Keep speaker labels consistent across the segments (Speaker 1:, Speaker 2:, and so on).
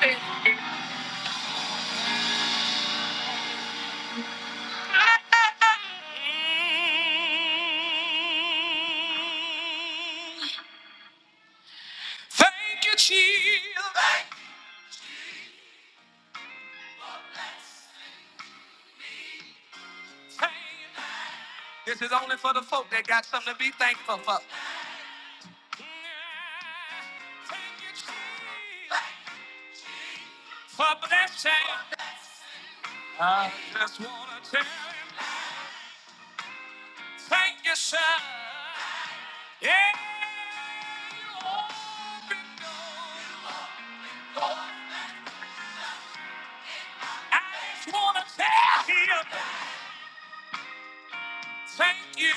Speaker 1: Thank you, Jesus. Thank you. This is only for the folk that got something to be thankful for. Thank you, Jesus, for blessing. I just want to tell him, thank you, sir. Yeah, you opened doors. I just want to tell him. Thank you.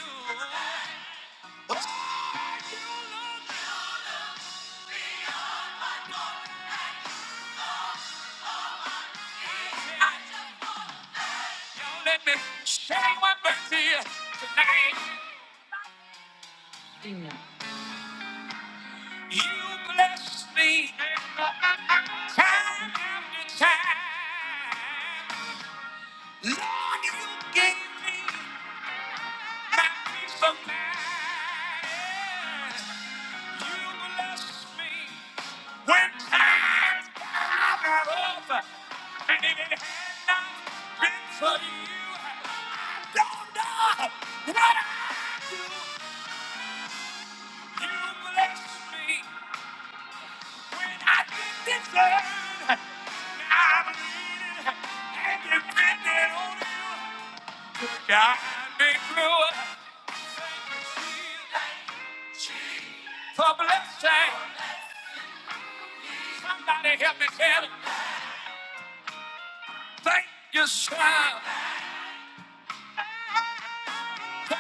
Speaker 1: Let me say one mercy tonight. You bless me time after time. Lord, you gave me my peace of mind. You bless me when times are rough, and if it had not been for you, I don't know what I'd do. You bless me when I didn't deserve. Now I'm leaning and depending on you to guide me through. it. Thank you, Jesus, for blessing. Somebody help me tell it. Thank you, smile. Thank you,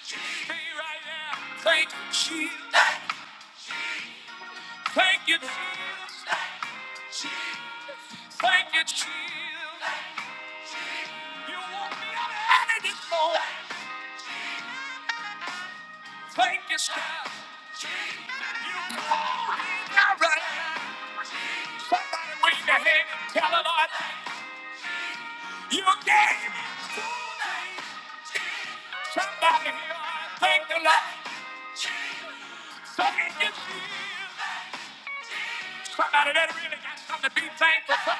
Speaker 1: Jesus. Be right there. Thank you, Jesus. Thank you, Jesus. Thank you, Jesus. You won't be out of this Lord. Thank you, smile. You called me now, right? Somebody wave your hand and tell the Lord, you gave me two names. Somebody here, I thank the Lord. Thank you, Jesus. Somebody that really got something to be thankful for.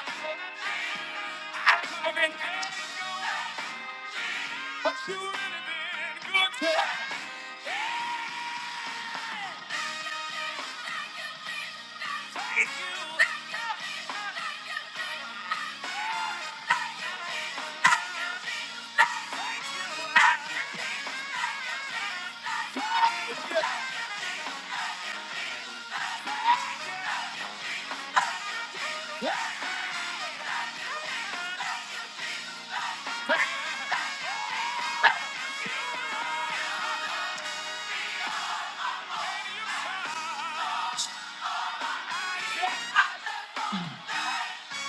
Speaker 1: I could have been good, but you really been good to us. Thank you.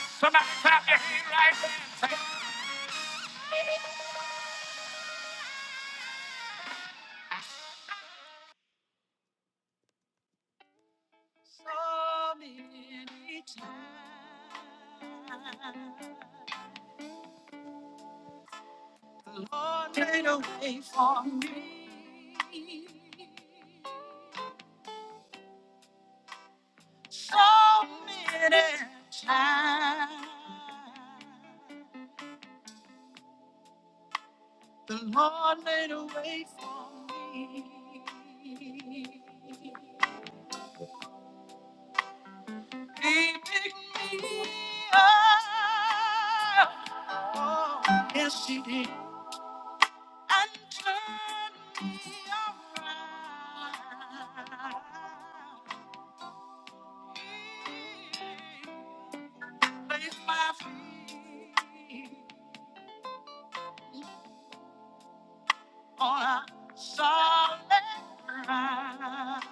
Speaker 1: Somebody clap your hand right there. and Thank So many times the Lord made a way for so many times. The Lord made a way for He picked me up. Oh, yes, He did. and turn me around. Place my feet on a solid ground.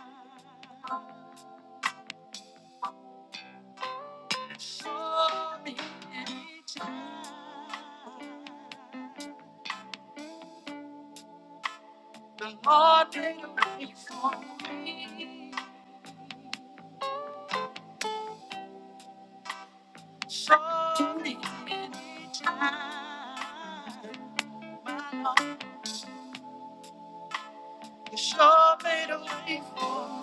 Speaker 1: So many times the Lord did it for me. So many times, my Lord, you sure made a way for me.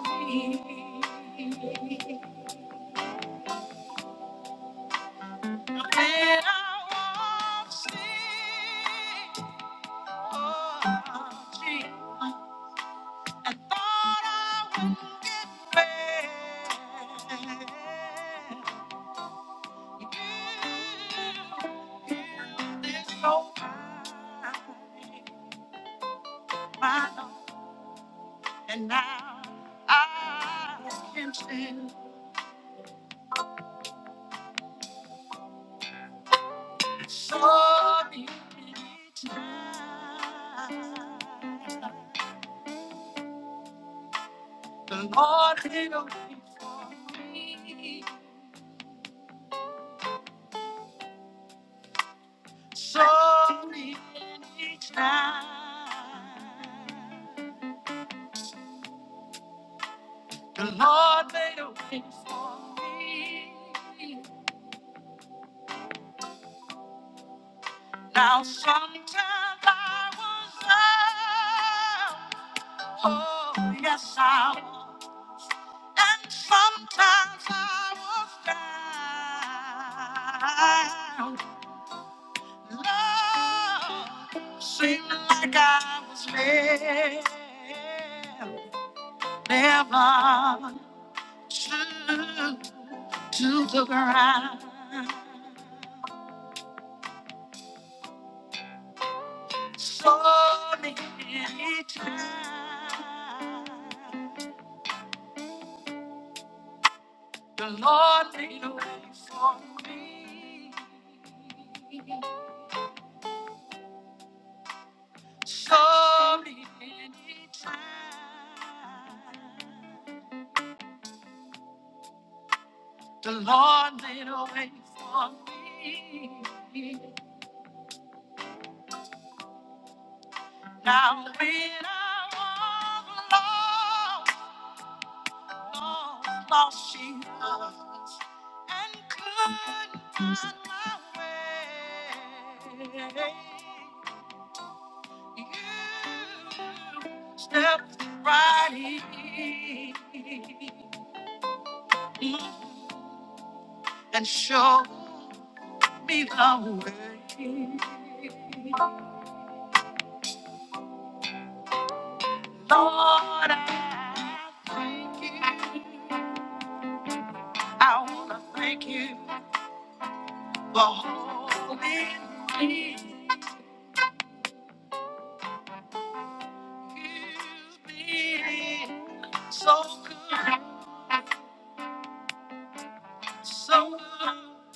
Speaker 1: When I was sick, oh, gee, and thought I wouldn't get well, this time, my Lord, and now I can sing. The Lord me so many times. The Lord Now sometimes I was up, oh yes I was, and sometimes I was down. Love seemed like I was led, never to to the ground. So many times. The Lord made a way for me. Sorry, anytime. The Lord made a way for me. Now when I was lost, lost, lost she was, and couldn't find my way. You stepped right in and showed me the way. Lord, I thank you. I want to thank you for holding you, being so good, so good.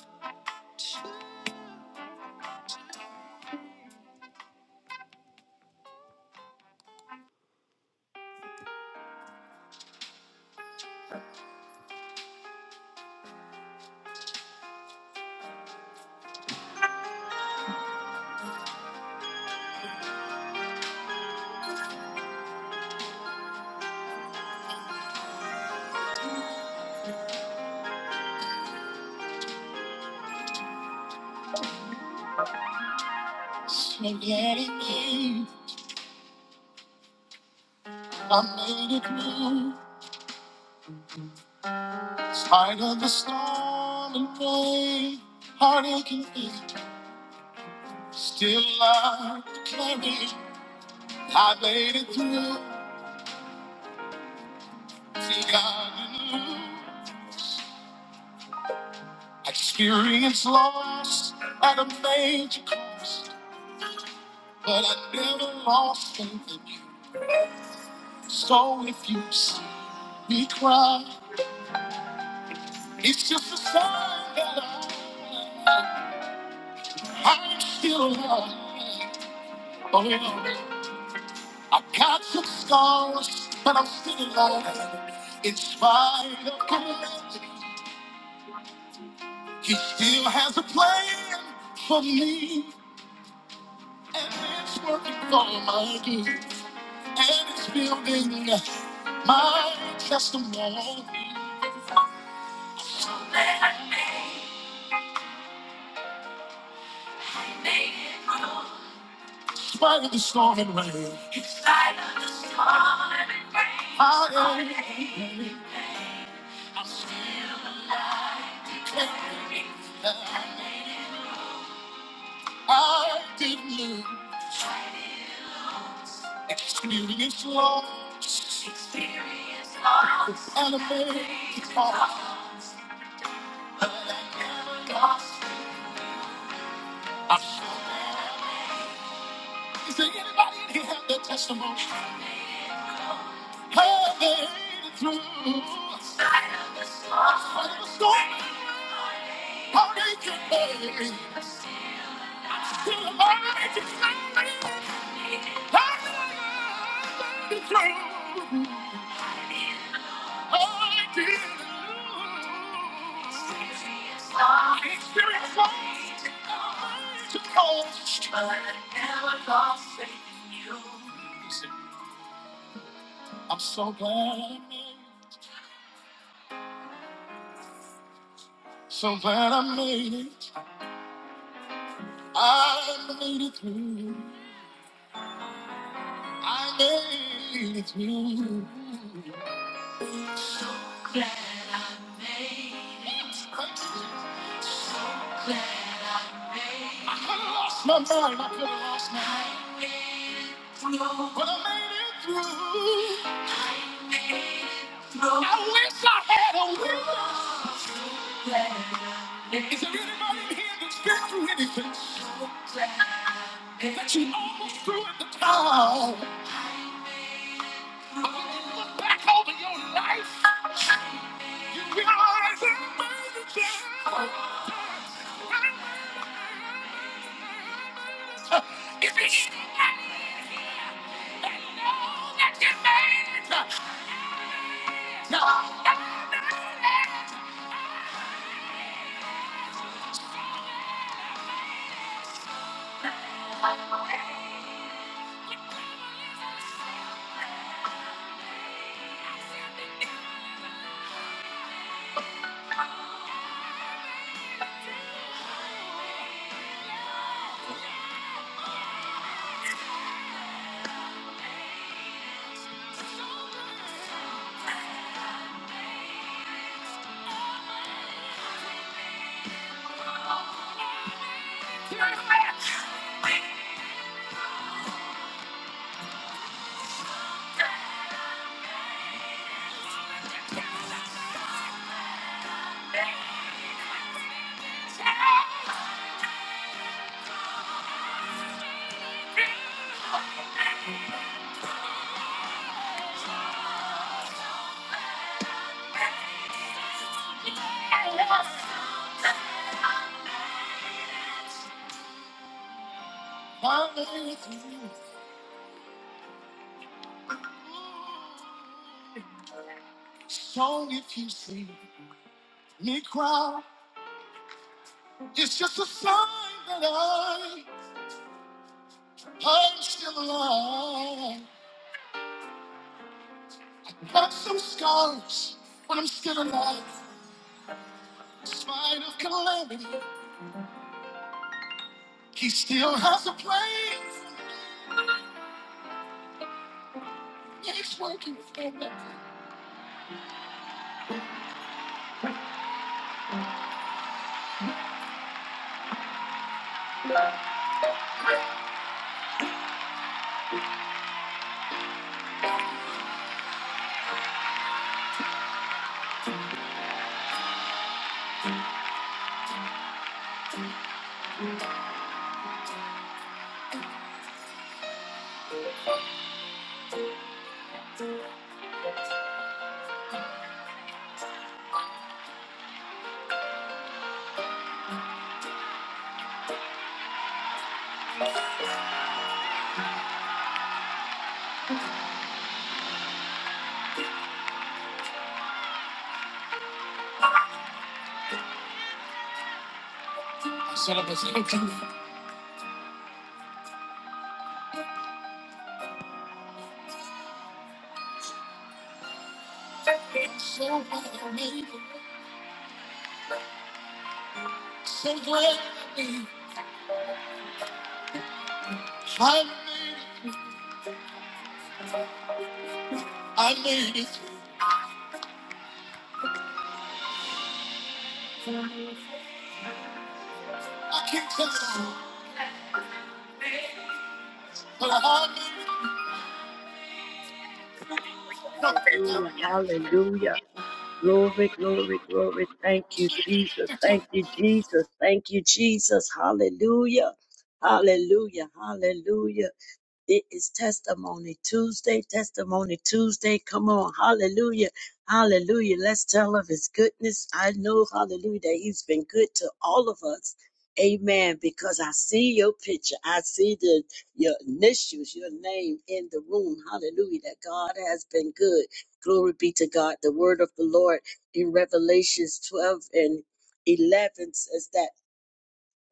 Speaker 1: So getting me, I made it through. Spite of the storm and pain, heartache and fear. Still I carry. I made it through. See God in you. Experience loss at a major cost, but I never lost faith in you. So if you see me cry, it's just a sign that I, I'm still alive. Oh yeah, I got some scars, but I'm still alive. In spite of calamity, He still has a plan for me, and it's working for my good. And it's building my testimony. In spite of the storm and rain, I am. I didn't lose. Experience loss and a faith. I'm- Is there anybody in here have their testimony? Have they made it through? Spite of the storm, how they can make it. But I never lost faith in you. Listen, I'm so glad I made it. So glad I made it. I made it through. I made it through. Glad. I could have lost my mind. I could have lost my mind. But I made it through. I wish I had a witness. Is there anybody in here that's been through anything that you almost threw at the towel? Back over your life, realize I made it through. Is there anybody in here that knows that you made it through? No, I made it through. Song if you see me cry. It's just a sign that I, I'm still alive. Got some scars, but I'm still alive. In spite of calamity, he still has a place. It's working for me. So I was thinking, so glad I made it. So glad I made it. I made it. I made it. I can't tell you, but I made it.
Speaker 2: Hallelujah,
Speaker 1: Hallelujah.
Speaker 2: hallelujah. Glory, glory, glory. Thank you, Jesus.
Speaker 1: The
Speaker 2: Thank you, Jesus. Thank you, Jesus. Hallelujah. Hallelujah, hallelujah. It is Testimony Tuesday. Testimony Tuesday. Come on. Hallelujah. Hallelujah. Let's tell of his goodness. I know, hallelujah, that he's been good to all of us. Amen. Because I see your picture. I see the your initials, your name in the room. Hallelujah. That God has been good. Glory be to God. The word of the Lord in Revelations 12 and 11 says that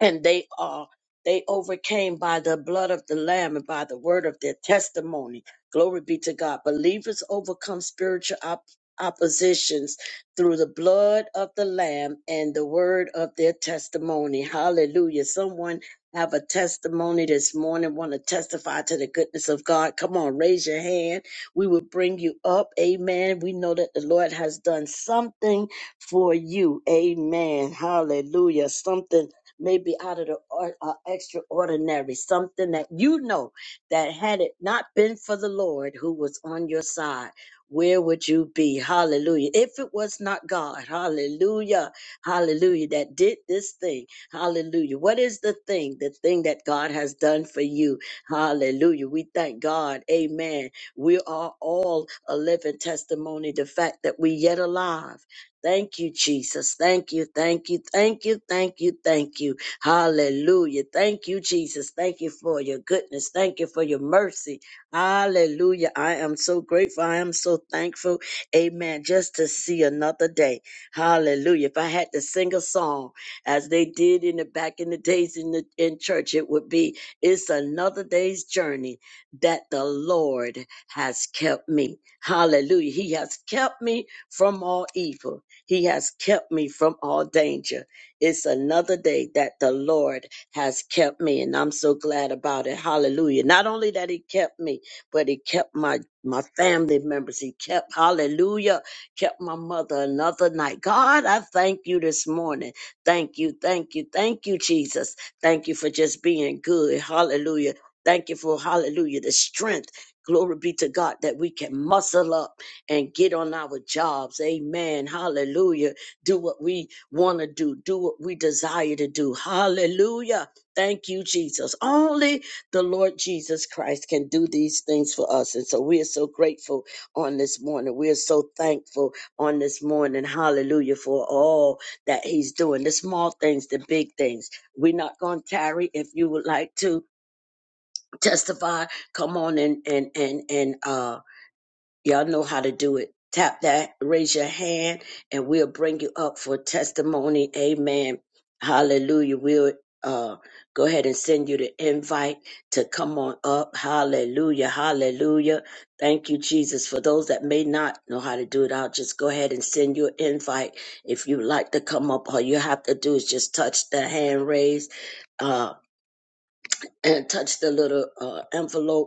Speaker 2: and they are they overcame by the blood of the lamb and by the word of their testimony glory be to god believers overcome spiritual op- oppositions through the blood of the lamb and the word of their testimony hallelujah someone have a testimony this morning want to testify to the goodness of god come on raise your hand we will bring you up amen we know that the lord has done something for you amen hallelujah something maybe out of the or, uh, extraordinary, something that you know that had it not been for the Lord who was on your side, where would you be? Hallelujah. If it was not God, hallelujah, hallelujah, that did this thing, hallelujah. What is the thing, the thing that God has done for you? Hallelujah. We thank God, amen. We are all a living testimony, the fact that we yet alive. Thank you, Jesus. Thank you, thank you, thank you, thank you, thank you. Hallelujah. Thank you, Jesus. Thank you for your goodness. Thank you for your mercy. Hallelujah. I am so grateful. I am so thankful. Amen. Just to see another day. Hallelujah. If I had to sing a song as they did in the back in the days in the in church, it would be it's another day's journey that the Lord has kept me. Hallelujah. He has kept me from all evil. He has kept me from all danger. It's another day that the Lord has kept me, and I'm so glad about it. Hallelujah. Not only that He kept me, but He kept my my family members. He kept, hallelujah, kept my mother another night. God, I thank you this morning. Thank you, thank you, thank you, Jesus. Thank you for just being good. Hallelujah. Thank you for, hallelujah, the strength. Glory be to God that we can muscle up and get on our jobs. Amen. Hallelujah. Do what we want to do, do what we desire to do. Hallelujah. Thank you, Jesus. Only the Lord Jesus Christ can do these things for us. And so we are so grateful on this morning. We are so thankful on this morning. Hallelujah for all that He's doing the small things, the big things. We're not going to tarry. If you would like to testify, come on and, and, and, and, uh, Y'all know how to do it. Tap that, raise your hand, and we'll bring you up for testimony. Amen. Hallelujah. We'll uh, go ahead and send you the invite to come on up. Hallelujah. Hallelujah. Thank you, Jesus. For those that may not know how to do it, I'll just go ahead and send you an invite. If you'd like to come up, all you have to do is just touch the hand raised uh, and touch the little uh, envelope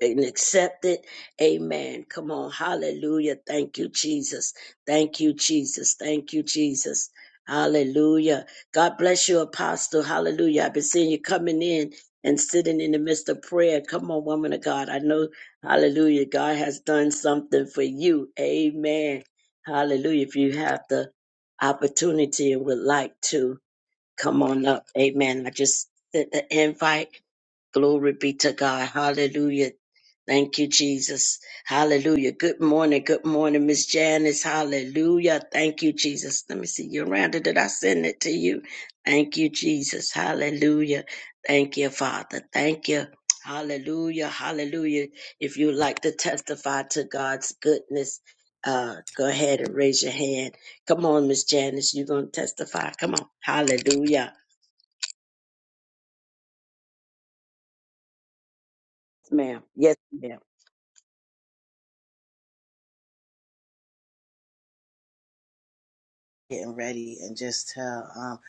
Speaker 2: and accept it. Amen. Come on. Hallelujah. Thank you, Jesus. Thank you, Jesus. Thank you, Jesus. Hallelujah. God bless you, Apostle. Hallelujah. I've been seeing you coming in and sitting in the midst of prayer. Come on, woman of God. I know, hallelujah, God has done something for you. Amen. Hallelujah. If you have the opportunity and would like to, come on up. Amen. I just sent the invite. Glory be to God. Hallelujah. Thank you, Jesus. Hallelujah. Good morning. Good morning, Miss Janice. Hallelujah. Thank you, Jesus. Let me see. Yolanda, did I send it to you? Thank you, Jesus. Hallelujah. Thank you, Father. Thank you. Hallelujah. Hallelujah. If you would like to testify to God's goodness, uh, go ahead and raise your hand. Come on, Miss Janice. You're going to testify. Come on. Hallelujah. Yes, ma'am. Yes, ma'am.
Speaker 3: getting ready and just tell um,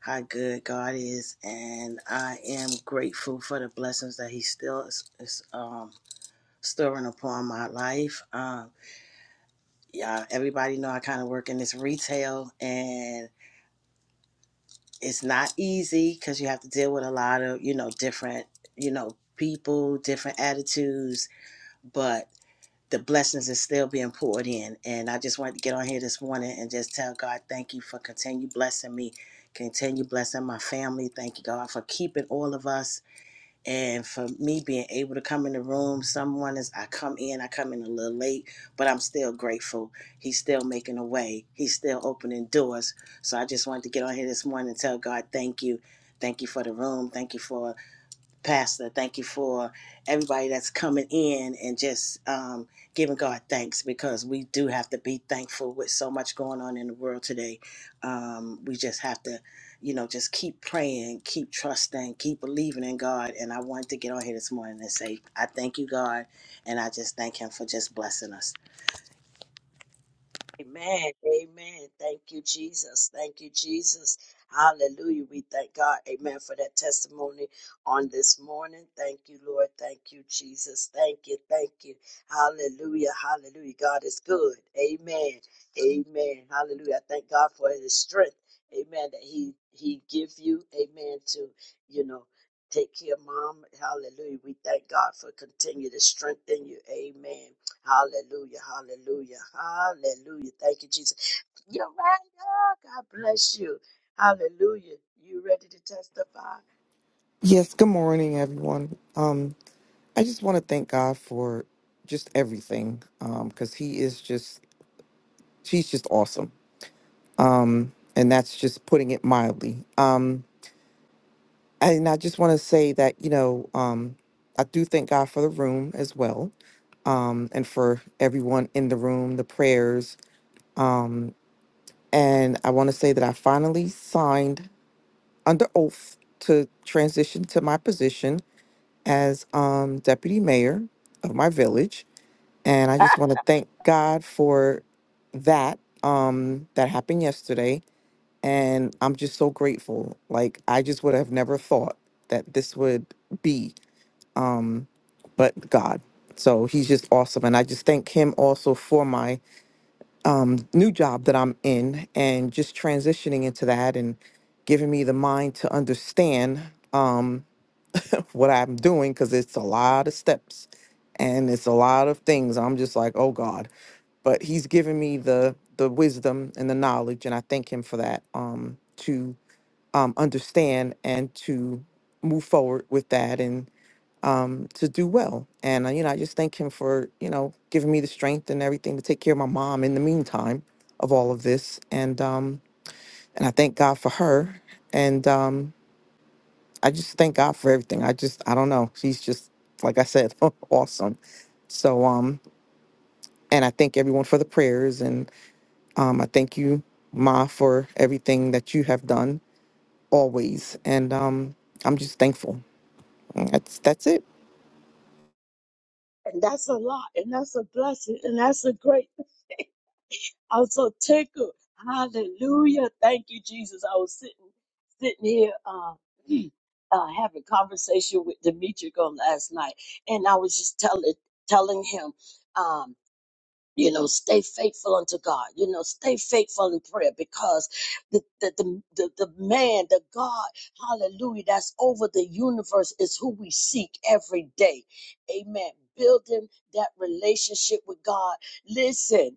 Speaker 3: how good God is, and I am grateful for the blessings that He still is, is um, storing upon my life. Um, yeah, everybody know I kind of work in this retail, and it's not easy because you have to deal with a lot of you know different you know people, different attitudes, but. the blessings is still being poured in. And I just wanted to get on here this morning and just tell God, thank you for continue blessing me, continue blessing my family. Thank you, God, for keeping all of us and for me being able to come in the room. Someone mornings I come in, I come in a little late, but I'm still grateful. He's still making a way, He's still opening doors. So I just wanted to get on here this morning and tell God, thank you. Thank you for the room. Thank you for Pastor. Thank you for everybody that's coming in and just um, giving God thanks because we do have to be thankful with so much going on in the world today. Um, we just have to, you know, just keep praying, keep trusting, keep believing in God. And I wanted to get on here this morning and say, I thank you, God. And I just thank Him for just blessing us.
Speaker 2: Amen. Amen. Thank you, Jesus. Thank you, Jesus. Hallelujah. We thank God. Amen for that testimony on this morning. Thank you, Lord. Thank you, Jesus. Thank you. Thank you. Hallelujah. Hallelujah. God is good. Amen. Amen. Hallelujah. I thank God for his strength. Amen. That he he give you. Amen. To, you know, take care, mom. Hallelujah. We thank God for continue to strengthen you. Amen. Hallelujah, hallelujah, hallelujah. Thank you, Jesus. You're right, God. God bless you. Hallelujah. You ready to testify?
Speaker 4: Yes, good morning, everyone. Um, I just want to thank God for just everything um, because He is just, she's just awesome. Um, and that's just putting it mildly. Um, and I just want to say that, you know, um, I do thank God for the room as well um, and for everyone in the room, the prayers. Um, and I want to say that I finally signed under oath to transition to my position as um, deputy mayor of my village. And I just
Speaker 2: Ah,
Speaker 4: want to thank God for that. Um, that happened yesterday. And I'm just so grateful. Like, I just would have never thought that this would be, um, but God. So he's just awesome. And I just thank him also for my um, new job that I'm in and just transitioning into that and giving me the mind to understand. Um, what I'm doing because it's a lot of steps and it's a lot of things. I'm just like, oh God. But he's given me the the wisdom and the knowledge, and I thank him for that. Um, to um, understand and to move forward with that and um, to do well. And uh, you know, I just thank him for you know giving me the strength and everything to take care of my mom in the meantime of all of this. And um, and I thank God for her. And um, I just thank God for everything. I just I don't know. He's just like I said, awesome. So um and I thank everyone for the prayers and um I thank you Ma for everything that you have done always and um I'm just thankful. That's that's it.
Speaker 2: And that's a lot, and that's a blessing, and that's a great. I'm so tickled. Hallelujah. Thank you, Jesus. I was sitting sitting here uh, uh having conversation with Demetric on last night, and I was just telling telling him. um, you know stay faithful unto god you know stay faithful in prayer because the the the, the, the man the god hallelujah that's over the universe is who we seek every day amen building that relationship with god listen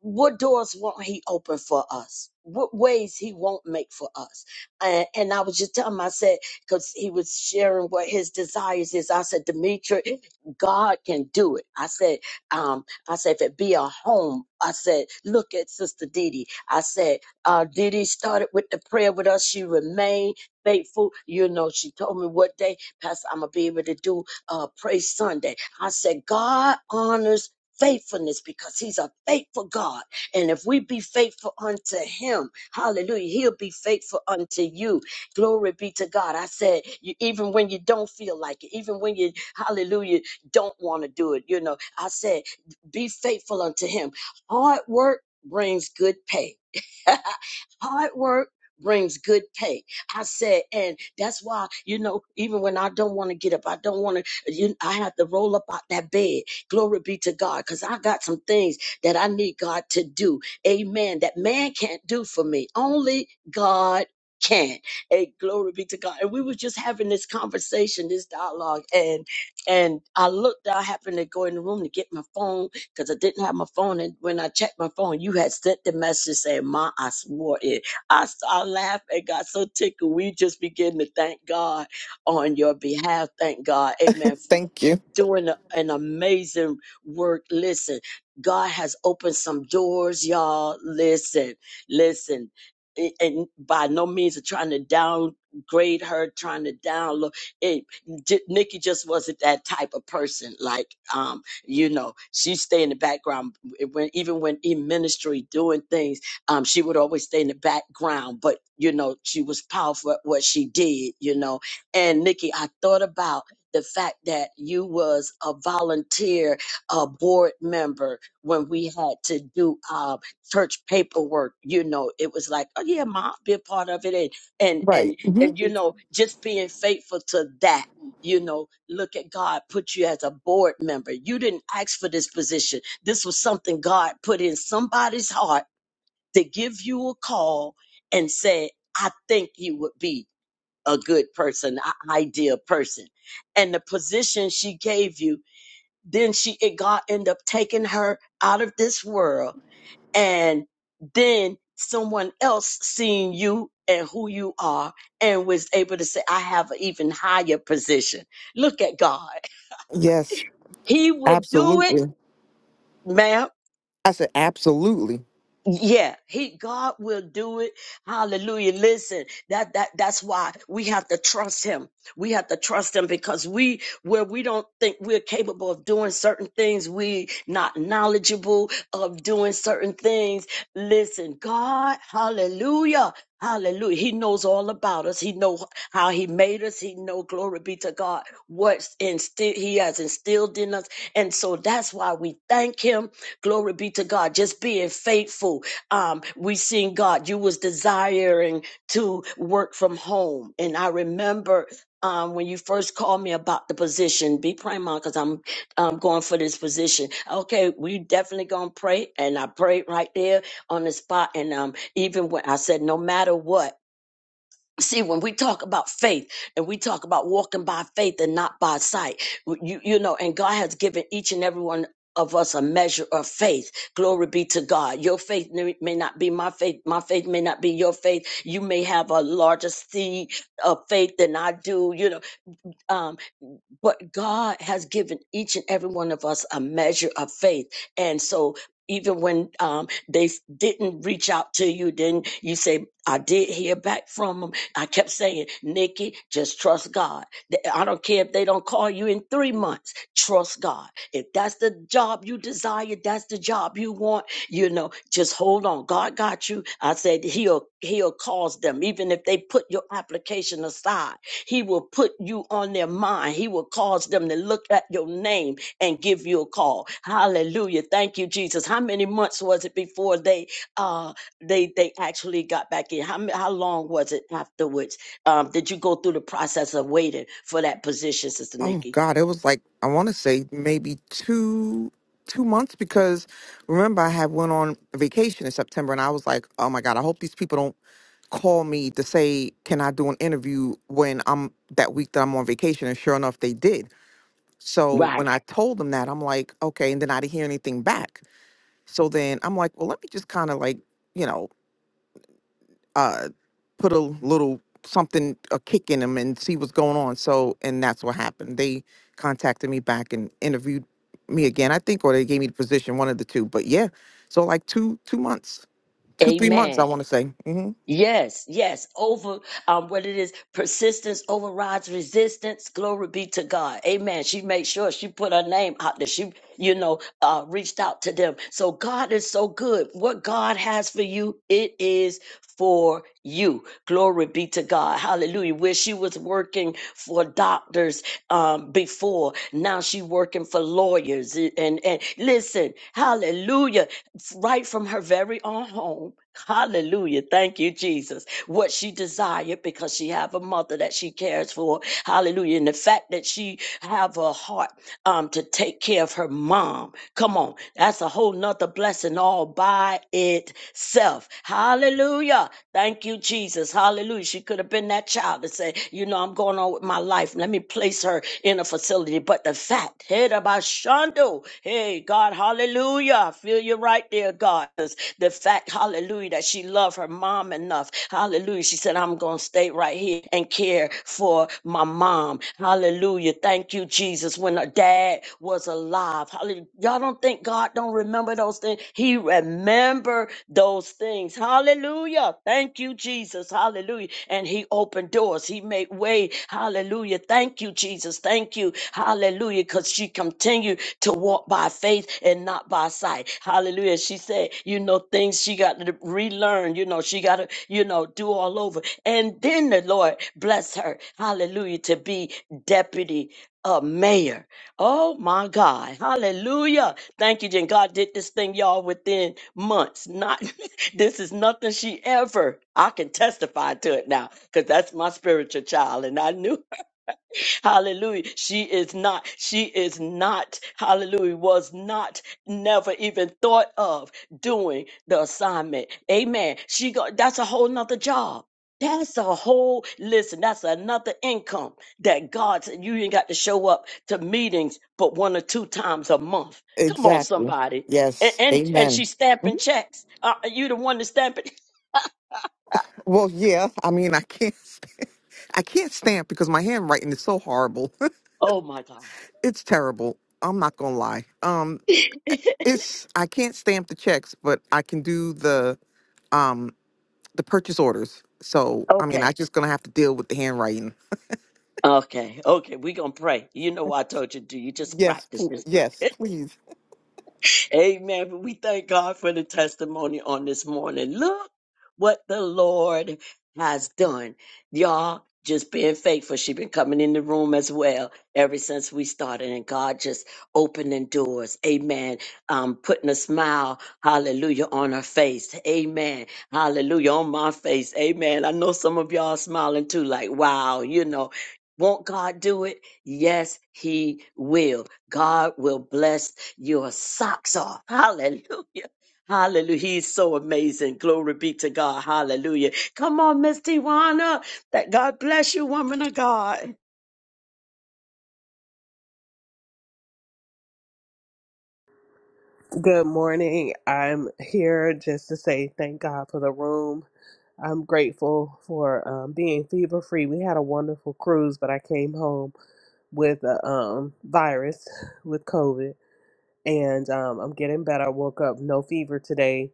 Speaker 2: what doors won't he open for us? What ways he won't make for us? And, and I was just telling him, I said, because he was sharing what his desires is. I said, Demetri, God can do it. I said, um, I said, if it be a home, I said, look at Sister Didi. I said, uh, Didi started with the prayer with us. She remained faithful. You know, she told me what day, Pastor, I'm going to be able to do uh, Praise Sunday. I said, God honors faithfulness because he's a faithful God. And if we be faithful unto him, hallelujah, he'll be faithful unto you. Glory be to God. I said, you, even when you don't feel like it, even when you, hallelujah, don't want to do it, you know, I said, be faithful unto him. Hard work brings good pay. Hard work brings good pay. I said, and that's why, you know, even when I don't want to get up, I don't want to, you, I have to roll up out that bed. Glory be to God, because I got some things that I need God to do. Amen. That man can't do for me. Only God can. Hey, glory be to God. And we were just having this conversation, this dialogue, and and I looked, I happened to go in the room to get my phone because I didn't have my phone. And when I checked my phone, you had sent the message saying, Ma, I swore it. I, s- I laughed and got so tickled. We just begin to thank God on your behalf. Thank God. Amen
Speaker 4: Thank you.
Speaker 2: doing a- an amazing work. Listen, God has opened some doors, y'all. Listen, listen. A- And by no means of trying to downgrade her, trying to download it. J- Nikki just wasn't that type of person. Like, um, you know, she stay in the background when even when in ministry doing things, um, she would always stay in the background. But you know, she was powerful at what she did. You know, and Nikki, I thought about the fact that you was a volunteer uh, board member when we had to do uh, church paperwork. You know, it was like, oh yeah, mom, be a part of it, and and
Speaker 4: Right.
Speaker 2: and
Speaker 4: hmm
Speaker 2: and you know, just being faithful to that. You know, look at God put you as a board member. You didn't ask for this position. This was something God put in somebody's heart to give you a call and say, I think you would be a good person, an ideal person. And the position she gave you, then she it God ended up taking her out of this world, and then someone else seeing you and who you are and was able to say, I have an even higher position. Look at God.
Speaker 4: Yes,
Speaker 2: He will do it,
Speaker 4: absolutely.
Speaker 2: ma'am.
Speaker 4: I said absolutely.
Speaker 2: Yeah, he God will do it. Hallelujah. Listen, that that that's why we have to trust him. We have to trust him because we where we don't think we're capable of doing certain things, we not knowledgeable of doing certain things. Listen, God, hallelujah. Hallelujah. He knows all about us. He knows how he made us. He know glory be to God, what's instilled, he has instilled in us. And so that's why we thank him. Glory be to God. Just being faithful. Um, we seen God, you was desiring to work from home. And I remember um, when you first called me about the position, be praying, mom, because I'm um, going for this position. Okay, we definitely gonna pray, and I prayed right there on the spot. And um, even when I said, no matter what. See, when we talk about faith and we talk about walking by faith and not by sight, you, you know, and God has given each and every one of us a measure of faith. Glory be to God. Your faith may may not be my faith. My faith may not be your faith. You may have a larger seed of faith than I do, you know. Um, but God has given each and every one of us a measure of faith. And so even when um, they f- didn't reach out to you, then you say, I did hear back from them. I kept saying, Nikki, just trust God. Th- I don't care if they don't call you in three months. Trust God. If that's the job you desire, that's the job you want, you know, just hold on. God got you. I said, he'll, he'll cause them, even if they put your application aside he will put you on their mind. He will cause them to look at your name and give you a call. Hallelujah. Thank you, Jesus. How many months was it before they uh they they actually got back in? How ma- how long was it afterwards? Um, did you go through the process of waiting for that position, Sister
Speaker 4: Oh
Speaker 2: Nikki?
Speaker 4: God, it was like I want to say maybe two two months because remember I had went on vacation in September and I was like, oh my God, I hope these people don't call me to say can I do an interview when I'm that week that I'm on vacation and sure enough they did. So when
Speaker 2: Right.
Speaker 4: I told them that I'm like, okay, and then I didn't hear anything back. So then I'm like, well, let me just kind of like you know uh, put a little something, a kick in them and see what's going on. So, and that's what happened. They contacted me back and interviewed me again, I think, or they gave me the position, one of the two. But yeah, so like two, two months, two, three months, I
Speaker 2: Amen.
Speaker 4: want to say. hmm
Speaker 2: Yes, yes, over um, what it is, persistence overrides resistance. Glory be to God. Amen. She made sure she put her name out there. She, you know, uh, reached out to them. So God is so good. What God has for you, it is for you. Glory be to God. Hallelujah. Where she was working for doctors um, before, now she working for lawyers. And and listen, hallelujah right from her very own home. Hallelujah. Thank you, Jesus. What she desired because she have a mother that she cares for. Hallelujah. And the fact that she have a heart um, to take care of her mom. Come on. That's a whole nother blessing all by itself. Hallelujah. Thank you, Jesus. Hallelujah. She could have been that child to say, you know, I'm going on with my life. Let me me place her in a facility. But the fact, hey, da ba Hey, God, hallelujah. I feel you right there, God. The fact, hallelujah, that she loved her mom enough. Hallelujah. She said, I'm going to stay right here and care for my mom. Hallelujah. Thank you, Jesus. When her dad was alive, hallelujah. Y'all don't think God don't remember those things? He remember those things things. Hallelujah. Thank you, Jesus. Hallelujah. And he opened doors. He made way. Hallelujah. Thank you, Jesus. Thank you. Hallelujah. Because she continued to walk by faith and not by sight. Hallelujah. She said, you know, things she got to relearn. You know, she got to, you know, do all over. And then the Lord bless her. Hallelujah. To be deputy uh, mayor. Oh my God. Hallelujah. Thank you, Jen. God did this thing, y'all, within months. Not this is nothing she ever. I can testify to it now because that's my spiritual child. And I knew Hallelujah. She is not, she is not, hallelujah, was not, never even thought of doing the assignment. Amen. She got, that's a whole nother job. That's a whole, listen, that's another income that God said you ain't got to show up to meetings but one or two times a month. Come on,
Speaker 4: Exactly.
Speaker 2: somebody. And,
Speaker 4: Yes.
Speaker 2: and, and
Speaker 4: Amen.
Speaker 2: she's
Speaker 4: Mhm.
Speaker 2: stamping checks. Uh, you the one that's stamping.
Speaker 4: Well, yeah. I mean, I can't, I can't stamp because my handwriting is so horrible.
Speaker 2: Oh my
Speaker 4: it's terrible. I'm not gonna lie. Um,
Speaker 2: God.
Speaker 4: it's I can't stamp the checks, but I can do the um the purchase orders. So I mean,
Speaker 2: okay.
Speaker 4: I just gonna have to deal with the handwriting.
Speaker 2: Okay, okay, we gonna pray. You know I told you to You just
Speaker 4: Yes,
Speaker 2: practice,
Speaker 4: pl-
Speaker 2: just
Speaker 4: yes,
Speaker 2: practice.
Speaker 4: please.
Speaker 2: Amen. But we thank God for the testimony on this morning. Look what the Lord has done. Y'all just being faithful. She been coming in the room as well ever since we started. And God just opening doors. Amen. Um, putting a smile, hallelujah, on her face. Amen. Hallelujah. On my face. Amen. I know some of y'all smiling too, like, wow, you know. Won't God do it? Yes, He will. God will bless your socks off. Hallelujah. Hallelujah. He's so amazing. Glory be to God. Hallelujah. Come on, Miss Tiwana. That God bless you, woman of God.
Speaker 5: Good morning. I'm here just to say thank God for the room. I'm grateful for um, being fever free. We had a wonderful cruise, but I came home with a um, virus with COVID, and um, I'm getting better. I woke up no fever today.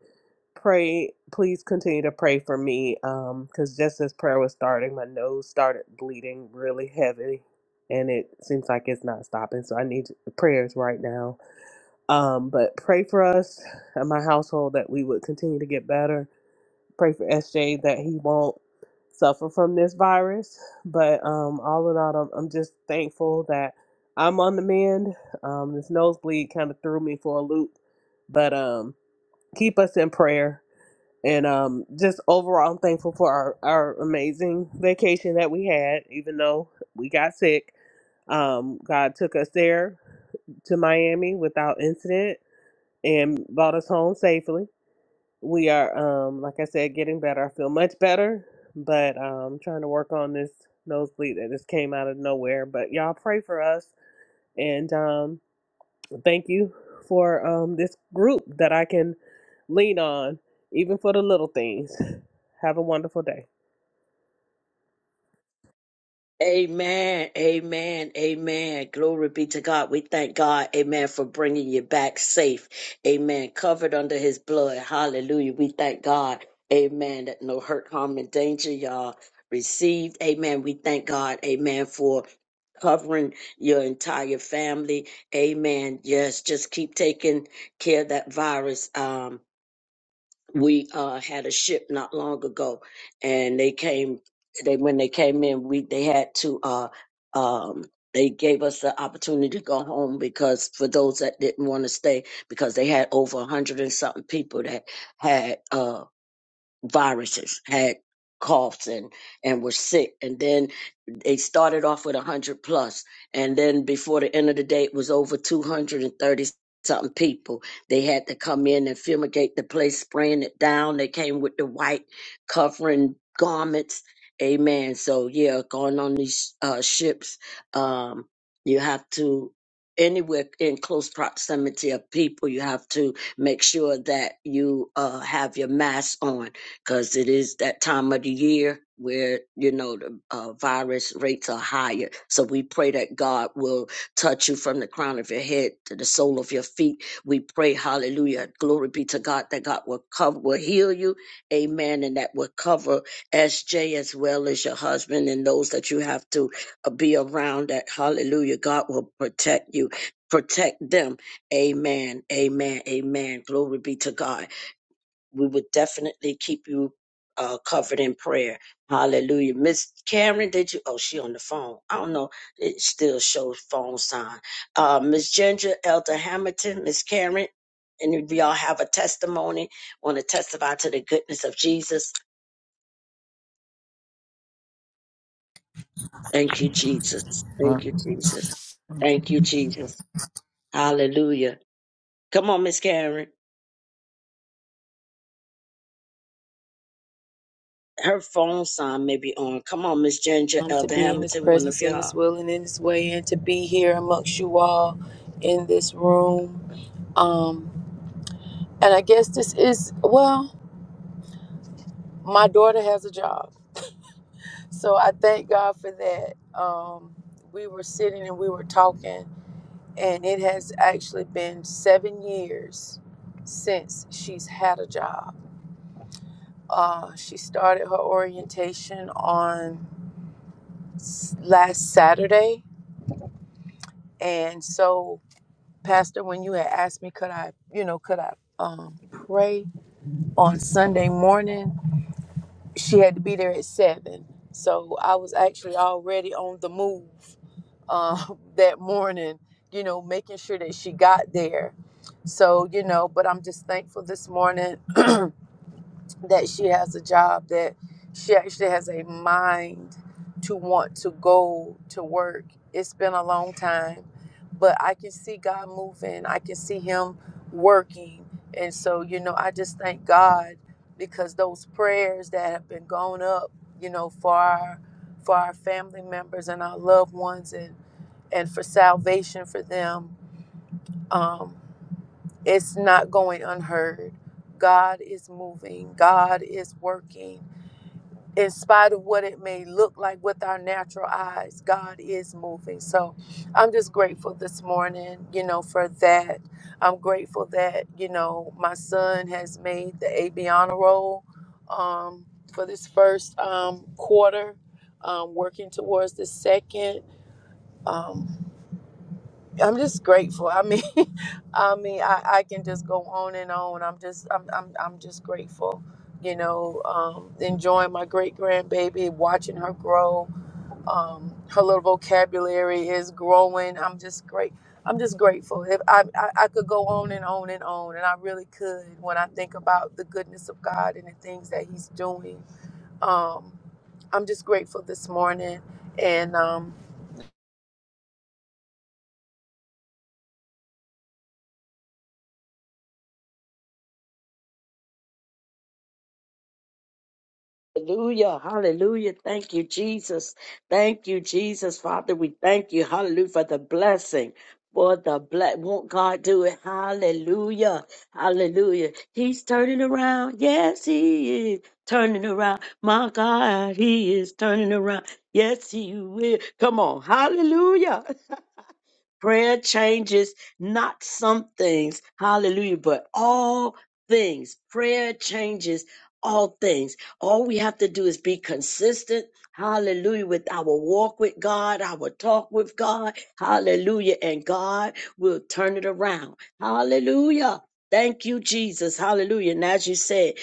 Speaker 5: Pray, please continue to pray for me because just as prayer was starting, my nose started bleeding really heavy, and it seems like it's not stopping. So I need prayers right now um, but pray for us and my household that we would continue to get better. Pray for SJ that he won't suffer from this virus. But um, all in all, I'm, I'm just thankful that I'm on the mend. Um, this nosebleed kind of threw me for a loop, but um, keep us in prayer. And um, just overall, I'm thankful for our, our amazing vacation that we had, even though we got sick. Um, God took us there to Miami without incident and brought us home safely. We are, um, like I said, getting better. I feel much better, but I'm um, trying to work on this nosebleed that just came out of nowhere. But y'all pray for us, and um, thank you for um, this group that I can lean on, even for the little things. Have a wonderful day.
Speaker 2: Amen. Amen. Amen. Glory be to God. We thank God. Amen. For bringing you back safe. Amen. Covered under his blood. Hallelujah. We thank God. Amen. That no hurt, harm, and danger y'all received. Amen. We thank God. Amen. For covering your entire family. Amen. Yes. Just keep taking care of that virus. Um, we uh, had a ship not long ago, and they came. They when they came in, we they had to. Uh, um, they gave us the opportunity to go home because for those that didn't want to stay, because they had over a hundred and something people that had uh, viruses, had coughs and and were sick, and then they started off with 100 plus and then before the end of the day it was over 230 something people they had to come in and fumigate the place spraying it down they came with the white covering garments amen so yeah going on these uh, ships um, you have to anywhere in close proximity of people you have to make sure that you uh, have your mask on because it is that time of the year where you know the uh, virus rates are higher so we pray that god will touch you from the crown of your head to the sole of your feet we pray hallelujah glory be to god that god will cover will heal you amen and that will cover sj as well as your husband and those that you have to uh, be around that hallelujah god will protect you protect them amen amen amen glory be to god we would definitely keep you uh, covered in prayer. Hallelujah. Miss Karen, did you? Oh, she on the phone. I don't know. It still shows phone sign. Uh, Miss Ginger, Elder Hamilton, Miss Karen, and if y'all have a testimony, want to testify to the goodness of Jesus. Thank you, Jesus. Thank you, Jesus. Thank you, Jesus. Hallelujah. Come on, Miss Karen. Her phone sign may be on. Come on, Miss Ginger,
Speaker 6: um, to
Speaker 2: Elder
Speaker 6: be in his
Speaker 2: Hamilton, one of
Speaker 6: presence in
Speaker 2: y'all.
Speaker 6: his will and in his way and to be here amongst you all in this room um, and i guess this is well my daughter has a job so i thank god for that um, we were sitting and we were talking and it has actually been seven years since she's had a job uh, she started her orientation on s- last saturday and so Pastor, when you had asked me, could I, you know, could I um, pray on Sunday morning? She had to be there at seven, so I was actually already on the move um, that morning. You know, making sure that she got there. So you know, but I'm just thankful this morning that she has a job that she actually has a mind to want to go to work. It's been a long time, but I can see God moving. I can see him working. And so, you know, I just thank God because those prayers that have been going up, you know, for our for our family members and our loved ones and and for salvation for them, um, it's not going unheard. God is moving. God is working in spite of what it may look like with our natural eyes, God is moving. So I'm just grateful this morning, you know, for that. I'm grateful that, you know, my son has made the Abiana role um, for this first um, quarter, um, working towards the second. Um, I'm just grateful. I mean, I mean, I, I can just go on and on. I'm just, I'm, I'm, I'm just grateful. You know, um, enjoying my great grandbaby, watching her grow. Um, her little vocabulary is growing. I'm just great. I'm just grateful. If I, I, I could go on and on and on, and I really could when I think about the goodness of God and the things that He's doing. Um, I'm just grateful this morning, and um,
Speaker 2: Hallelujah, hallelujah. Thank you, Jesus. Thank you, Jesus. Father, we thank you, hallelujah, for the blessing. For the bless, won't God do it? Hallelujah, hallelujah. He's turning around. Yes, He is turning around. My God, He is turning around. Yes, He will. Come on, hallelujah. Prayer changes not some things, hallelujah, but all things. Prayer changes all things. All we have to do is be consistent, hallelujah, with our walk with God, our talk with God, hallelujah, and God will turn it around. Hallelujah. Thank you, Jesus. Hallelujah. And as you said,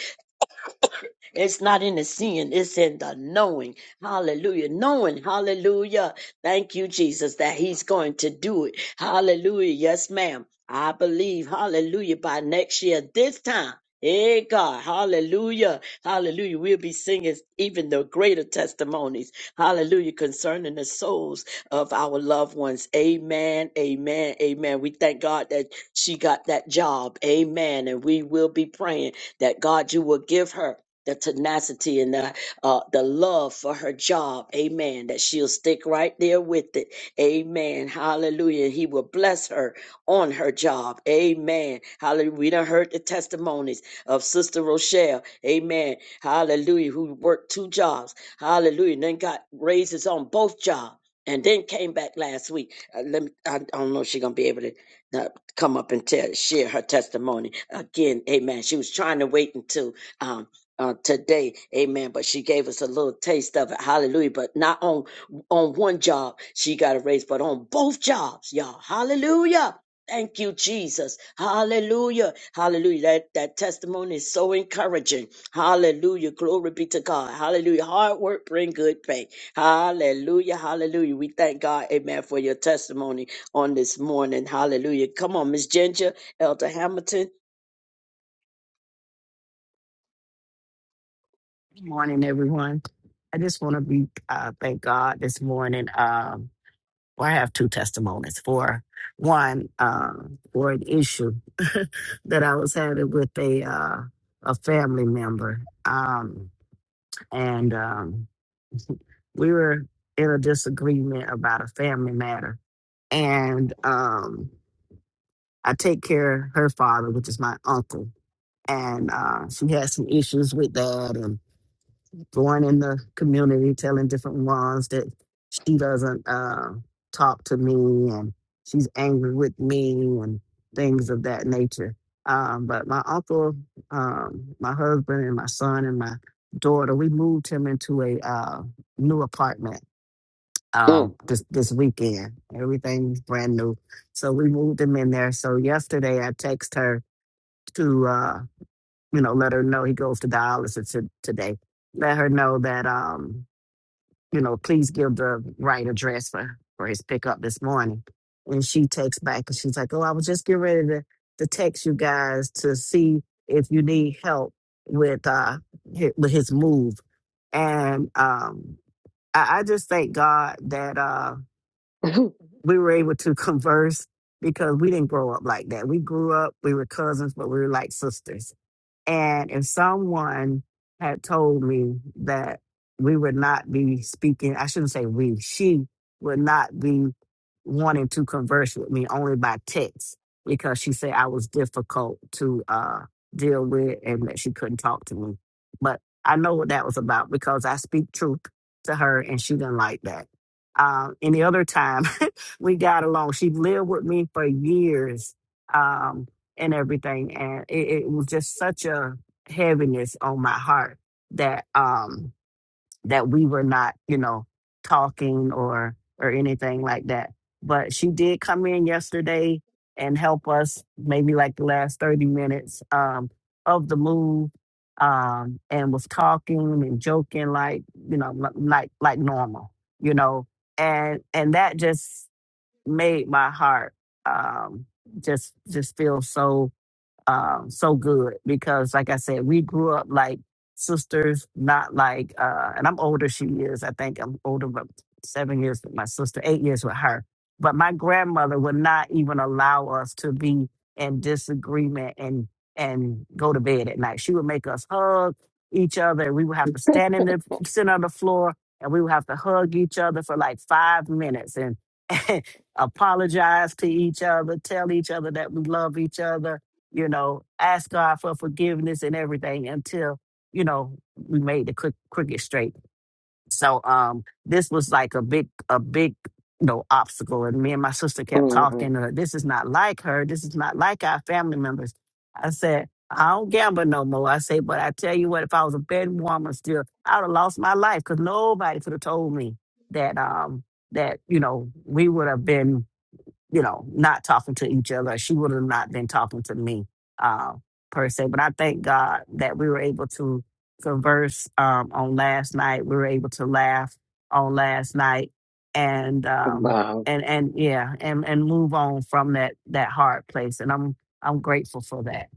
Speaker 2: it's not in the seeing, it's in the knowing. Hallelujah. Knowing, hallelujah. Thank you, Jesus, that He's going to do it. Hallelujah. Yes, ma'am. I believe, hallelujah, by next year, this time. Hey God, hallelujah, hallelujah. We'll be singing even the greater testimonies, hallelujah, concerning the souls of our loved ones. Amen, amen, amen. We thank God that she got that job, amen. And we will be praying that God, you will give her the tenacity and the uh, the love for her job. Amen. That she'll stick right there with it. Amen. Hallelujah. He will bless her on her job. Amen. Hallelujah. We done heard the testimonies of Sister Rochelle. Amen. Hallelujah. Who worked two jobs. Hallelujah. And then got raises on both jobs. And then came back last week. Uh, let me, I, I don't know if she's gonna be able to uh, come up and tell, share her testimony again. Amen. She was trying to wait until um uh, today. Amen. But she gave us a little taste of it. Hallelujah. But not on, on one job she got a raise, but on both jobs, y'all. Hallelujah. Thank you, Jesus. Hallelujah. Hallelujah. That, that testimony is so encouraging. Hallelujah. Glory be to God. Hallelujah. Hard work bring good pay. Hallelujah. Hallelujah. We thank God, amen, for your testimony on this morning. Hallelujah. Come on, Miss Ginger, Elder Hamilton.
Speaker 7: Good morning, everyone. I just want to be uh, thank God this morning. Um, well, I have two testimonies. For one, um, for an issue that I was having with a uh, a family member, um, and um, we were in a disagreement about a family matter. And um, I take care of her father, which is my uncle, and uh, she had some issues with that, going in the community telling different ones that she doesn't uh, talk to me and she's angry with me and things of that nature. Um, but my uncle, um, my husband, and my son and my daughter, we moved him into a uh, new apartment
Speaker 2: Mm.
Speaker 7: um, this this weekend. Everything's brand new, so we moved him in there. So yesterday, I text her to uh, you know let her know he goes to dialysis to, today let her know that um, you know, please give the right address for, for his pickup this morning. And she takes back and she's like, Oh, I was just getting ready to, to text you guys to see if you need help with uh hi- with his move. And um I, I just thank God that uh we were able to converse because we didn't grow up like that. We grew up, we were cousins, but we were like sisters and if someone had told me that we would not be speaking, I shouldn't say we, she would not be wanting to converse with me only by text because she said I was difficult to uh, deal with and that she couldn't talk to me. But I know what that was about because I speak truth to her and she didn't like that. Um, any other time we got along, she lived with me for years. Um, and everything. And it, it was just such a heaviness on my heart that um that we were not, you know, talking or or anything like that. But she did come in yesterday and help us maybe like the last 30 minutes um of the move um and was talking and joking like you know li- like like normal you know and and that just made my heart um just just feel so um, so good because, like I said, we grew up like sisters, not like, uh, and I'm older, she is. I think I'm older, but seven years with my sister, eight years with her. But my grandmother would not even allow us to be in disagreement and and go to bed at night. She would make us hug each other, and we would have to stand in the sit on the floor, and we would have to hug each other for like five minutes and apologize to each other, tell each other that we love each other, you know, ask God for forgiveness and everything until, you know, we made the cro- crooked straight. So um this was like a big a big you know obstacle and me and my sister kept
Speaker 2: Mhm.
Speaker 7: talking uh, this is not like her this is not like our family members I said I don't gamble no more I say but I tell you what if I was a betting woman still I would have lost my life because nobody could have told me that um that you know we would have been you know, not talking to each other. She would have not been talking to me uh, per se. But I thank God that we were able to converse um, on last night. We were able to laugh on last night, and um,
Speaker 2: Wow.
Speaker 7: and and yeah, and and move on from that that hard place. And I'm I'm grateful for that.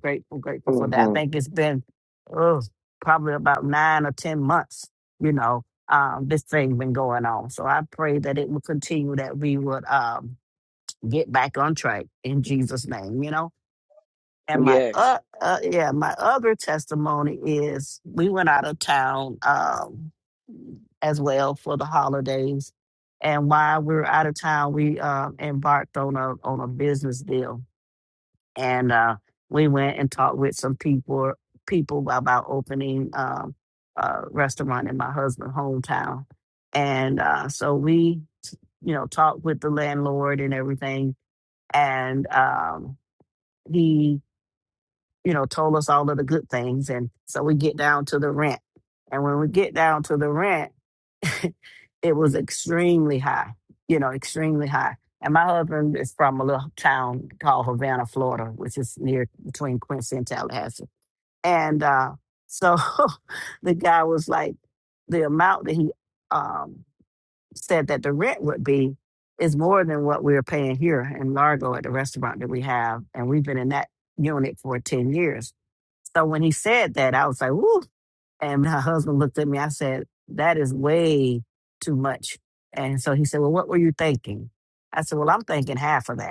Speaker 7: Grateful, grateful for that. I
Speaker 2: hmm
Speaker 7: think it's been oh, probably about nine or ten months. You know, um, this thing been going on. So I pray that it will continue. That we would. Um, get back on track in Jesus' name, you know? And my
Speaker 2: Yes.
Speaker 7: uh, uh yeah, my other testimony is we went out of town um as well for the holidays. And while we were out of town, we um embarked on a on a business deal. And uh we went and talked with some people people about opening um a restaurant in my husband's hometown. And uh so we, you know, talked with the landlord and everything and um he, you know, told us all of the good things. And so we get down to the rent. And when we get down to the rent, it was extremely high, you know, extremely high. And my husband is from a little town called Havana, Florida, which is near between Quincy and Tallahassee. And uh, so the guy was like, the amount that he um, said that the rent would be is more than what we're paying here in Largo at the restaurant that we have. And we've been in that unit for 10 years. So when he said that, I was like, woo. And my husband looked at me. I said, that is way too much. And so he said, well, what were you thinking? I said, well, I'm thinking half of that.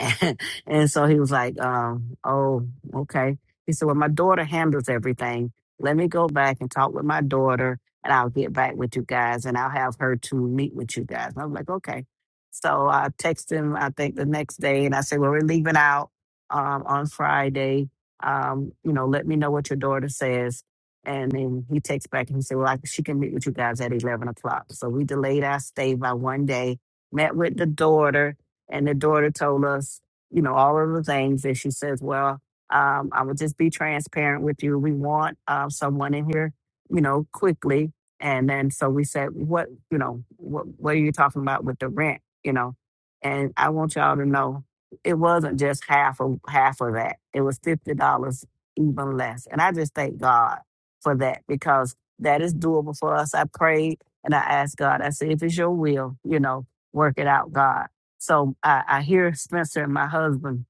Speaker 7: and and so he was like, um, oh, okay. He said, well, my daughter handles everything. Let me go back and talk with my daughter, and I'll get back with you guys, and I'll have her to meet with you guys. And I was like, okay. So I texted him, I think, the next day, and I said, well, we're leaving out um, on Friday. Um, you know, let me know what your daughter says. And then he texts back and he said, well, I, she can meet with you guys at 11 o'clock. So we delayed our stay by one day, met with the daughter and the daughter told us, you know, all of the things. And she says, well, um, I will just be transparent with you. We want uh, someone in here, you know, quickly. And then so we said, what, you know, what, what are you talking about with the rent, you know? And I want y'all to know it wasn't just half of half of that. It was fifty dollars even less. And I just thank God for that because that is doable for us. I prayed and I asked God, I said, if it's your will, you know, work it out, God. So I, I hear Spencer and my husband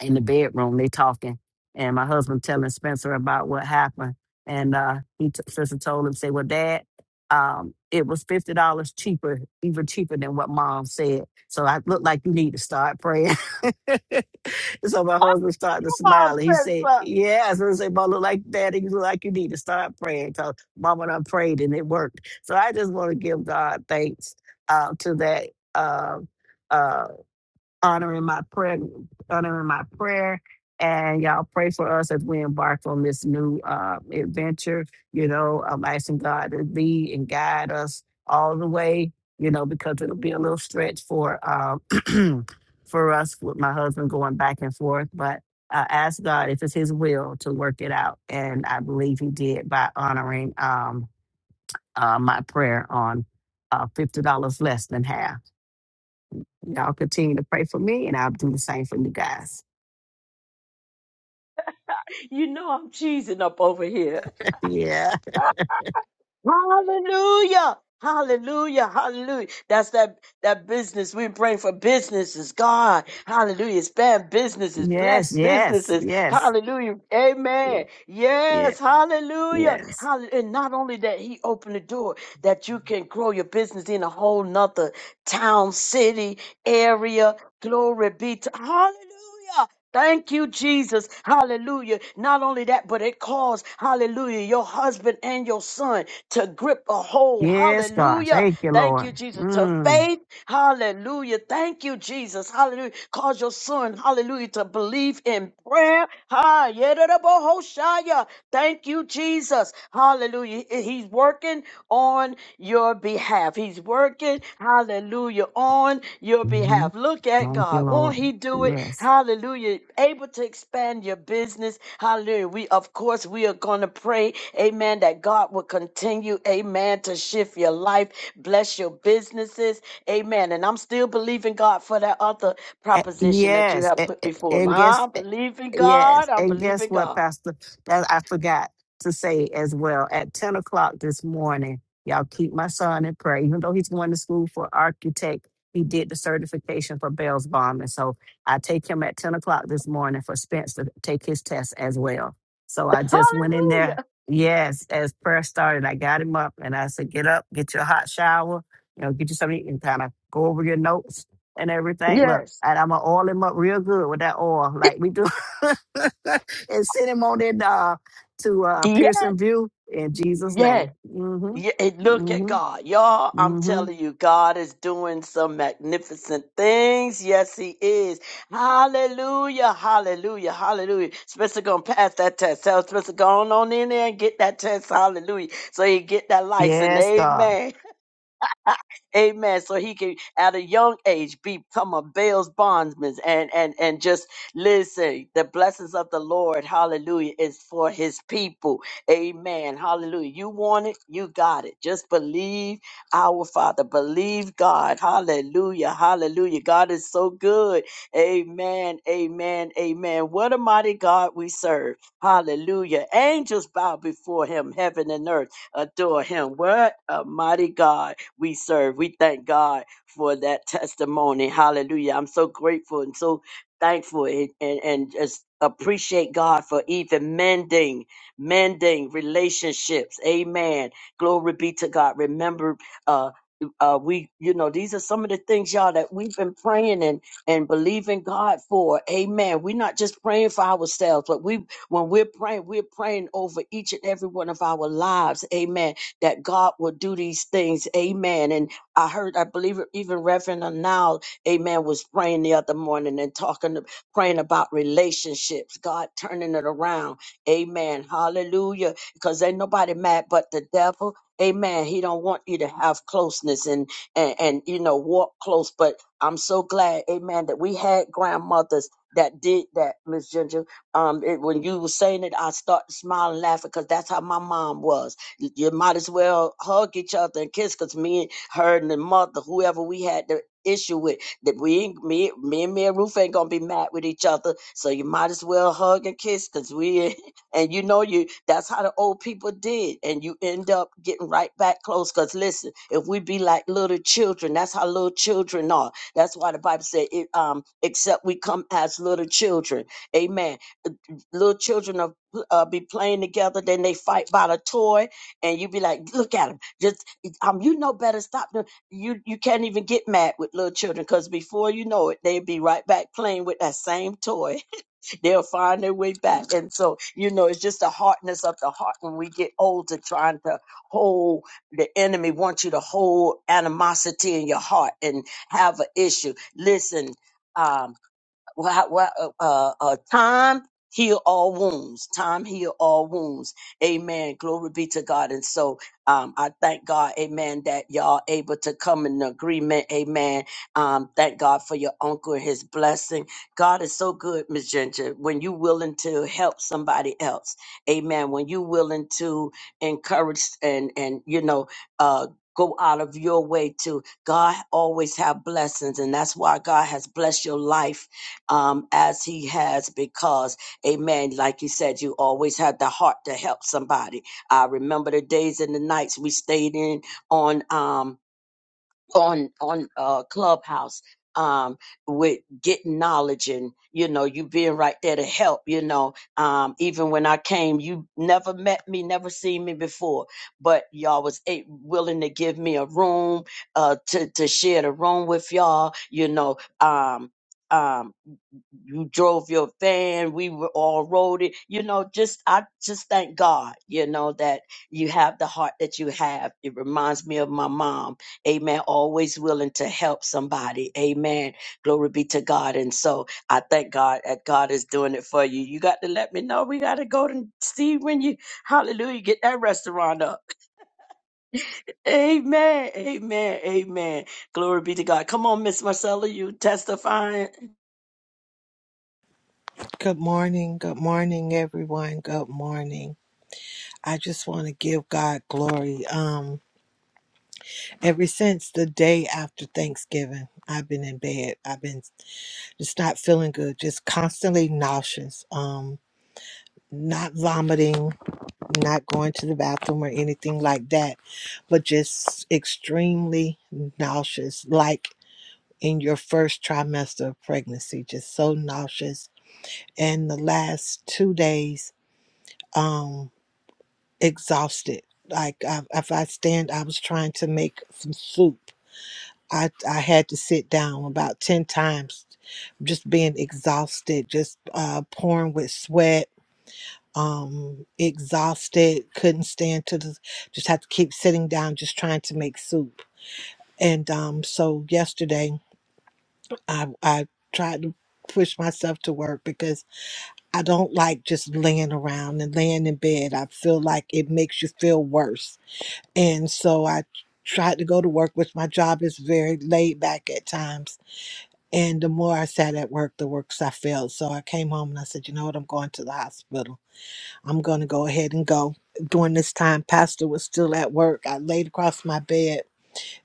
Speaker 7: in the bedroom. They talking, and my husband telling Spencer about what happened. And uh, he t- Spencer told him, say, "Well, Dad, um, it was fifty dollars cheaper, even cheaper than what Mom said. So I look like you need to start praying." so my husband started to
Speaker 2: Come on,
Speaker 7: smile. And he said,
Speaker 2: Spencer.
Speaker 7: "Yeah." So I said, "Mom, look like Daddy, you look like you need to start praying because Mama done prayed and it worked." So I just want to give God thanks uh, to that. Uh, uh, honoring my prayer, honoring my prayer. And y'all pray for us as we embark on this new uh, adventure. You know, I'm asking God to lead and guide us all the way. You know, because it'll be a little stretch for um, for us with my husband going back and forth. But I ask God if it's His will to work it out, and I believe He did by honoring um, uh, my prayer on uh, fifty dollars less than half. Y'all continue to pray for me, and I'll do the same for you guys.
Speaker 2: You know I'm cheesing up over here.
Speaker 7: yeah.
Speaker 2: Hallelujah. Hallelujah. Hallelujah. That's that that business. We're praying for businesses. God. Hallelujah. Expand businesses. Bless
Speaker 7: Yes, yes,
Speaker 2: businesses.
Speaker 7: yes.
Speaker 2: Hallelujah.
Speaker 7: Yeah,
Speaker 2: Amen.
Speaker 7: yeah,
Speaker 2: Yes. Hallelujah.
Speaker 7: yes.
Speaker 2: Hallelujah. And not only that, he opened the door that you can grow your business in a whole nother town, city, area. Glory be to Hallelujah. Thank you, Jesus. Hallelujah. Not only that, but it caused, hallelujah, your husband and your son to grip a hold.
Speaker 7: Yes, God.
Speaker 2: Hallelujah.
Speaker 7: Thank you,
Speaker 2: Thank you,
Speaker 7: Lord.
Speaker 2: Jesus. To
Speaker 7: Mm.
Speaker 2: faith. Hallelujah. Thank you, Jesus. Hallelujah. Cause your son, hallelujah, to believe in prayer. Ha, yedadabohoshaya. Thank Thank you, Jesus. Hallelujah. He's working on your behalf. He's working, hallelujah, on your
Speaker 7: hmm
Speaker 2: behalf. Look at
Speaker 7: Thank you,
Speaker 2: God. Won't
Speaker 7: Lord.
Speaker 2: He do it?
Speaker 7: Yes.
Speaker 2: Hallelujah. Able to expand your business. Hallelujah. We, of course, we are going to pray, amen, that God will continue, amen, to shift your life, bless your businesses, amen. And I'm still believing God for that other
Speaker 7: A-
Speaker 2: proposition that you
Speaker 7: Yes,
Speaker 2: have
Speaker 7: a-
Speaker 2: put
Speaker 7: a-
Speaker 2: before me.
Speaker 7: and
Speaker 2: I
Speaker 7: guess
Speaker 2: believe in God.
Speaker 7: yes,
Speaker 2: I
Speaker 7: and
Speaker 2: believe
Speaker 7: guess
Speaker 2: in
Speaker 7: what,
Speaker 2: God.
Speaker 7: Pastor? That I forgot to say as well. At ten o'clock this morning, y'all keep my son in prayer. Even though he's going to school for architect, he did the certification for Bell's Bomb, and so I take him at ten o'clock this morning for Spence to take his test as well. So I just went in there.
Speaker 2: Hallelujah.
Speaker 7: Yes, as prayer started, I got him up and I said, "Get up, get your hot shower, you know, get you something, and kind of go over your notes." and everything. Look,
Speaker 2: Yes.
Speaker 7: and I'm gonna oil him up real good with that oil, like we do, and send him on in uh, to uh, Pearson
Speaker 2: Yes.
Speaker 7: View in Jesus'
Speaker 2: Yes.
Speaker 7: name.
Speaker 2: Yeah, and
Speaker 7: Mm-hmm.
Speaker 2: look at
Speaker 7: Mm-hmm.
Speaker 2: God. Y'all, I'm
Speaker 7: Mm-hmm.
Speaker 2: telling you, God is doing some magnificent things. Yes, He is. Hallelujah, hallelujah, hallelujah. Spencer going to pass that test. Tell Spencer, go on, on in there and get that test. Hallelujah. So he get that license.
Speaker 7: Yes, God.
Speaker 2: Amen. Amen. So he can at a young age become a Baal's bondsman and and and just listen. The blessings of the Lord, hallelujah, is for his people. Amen. Hallelujah. You want it, you got it. Just believe our Father. Believe God. Hallelujah. Hallelujah. God is so good. Amen. Amen. Amen. What a mighty God we serve. Hallelujah. Angels bow before him, heaven and earth adore him. What a mighty God we serve. We thank God for that testimony. Hallelujah. I'm so grateful and so thankful and, and, and just appreciate God for even mending, mending relationships. Amen. Glory be to God. Remember, uh, uh, we, you know, these are some of the things, y'all, that we've been praying and and believing God for. Amen. We're not just praying for ourselves, but we, when we're praying, we're praying over each and every one of our lives. Amen that God will do these things. Amen. And I heard, I believe even Reverend Anal, amen, was praying the other morning and talking, praying about relationships, God turning it around. Amen. Hallelujah. Because ain't nobody mad but the devil. Amen. He don't want you to have closeness and, and, and, you know, walk close. But I'm so glad, amen, that we had grandmothers that did that, Miss Ginger. Um, it, when you were saying it, I started smiling, laughing, because that's how my mom was. You might as well hug each other and kiss because me and her and the mother, whoever we had the issue with, that we ain't- me, me and me and Ruth ain't gonna be mad with each other. So you might as well hug and kiss because we and you know you that's how the old people did. And you end up getting right back close. Cause listen, if we be like little children, that's how little children are. That's why the Bible said it um except we come as little children. Amen Uh, little children are, uh, be playing together, then they fight about a toy, and you be like, "Look at him! Just um, you know better. Stop them. You you can't even get mad with little children because before you know it, they'll be right back playing with that same toy. They'll find their way back. And so you know, it's just the hardness of the heart when we get older, trying to hold the enemy wants you to hold animosity in your heart and have an issue. Listen. um wha- wha- uh, uh, time heal all wounds. Time heal all wounds. Amen. Glory be to God. And so um, I thank God, amen, that y'all able to come in agreement. Amen. Um, thank God for your uncle and his blessing. God is so good, Miss Ginger, when you willing to help somebody else. Amen. When you willing to encourage and, and you know, uh, go out of your way to God always have blessings. And that's why God has blessed your life um, as he has because, amen, like you said, you always had the heart to help somebody. I remember the days and the nights we stayed in on, um, on, on, uh, Clubhouse, um, with getting knowledge and, you know, you being right there to help, you know, um, even when I came, you never met me, never seen me before, but y'all was a- willing to give me a room, uh, to, to share the room with y'all, you know, um, um, you drove your van we were all rode it you know just i just thank god you know that you have the heart that you have it reminds me of my mom amen always willing to help somebody amen glory be to god and so i thank god that god is doing it for you you got to let me know we got to go and see when you hallelujah get that restaurant up amen amen amen glory be to god come on miss marcella you testifying
Speaker 8: Good morning. Good morning, everyone. Good morning. I just want to give God glory. Um, ever since the day after Thanksgiving, I've been in bed. I've been just not feeling good, just constantly nauseous. Um, not vomiting, not going to the bathroom or anything like that, but just extremely nauseous, like in your first trimester of pregnancy, just so nauseous. And the last two days, um. exhausted. Like I, if I stand, I was trying to make some soup. I I had to sit down about ten times, just being exhausted, just uh, pouring with sweat. Um, exhausted, couldn't stand to the, just had to keep sitting down, just trying to make soup. And um, so yesterday, I I tried to push myself to work because I don't like just laying around and laying in bed. I feel like it makes you feel worse And so I tried to go to work, which my job is very laid back at times. And the more I sat at work, the worse I felt. So I came home and I said, you know what? I'm going to the hospital. I'm going to go ahead and go. During this time, Pastor was still at work. I laid across my bed,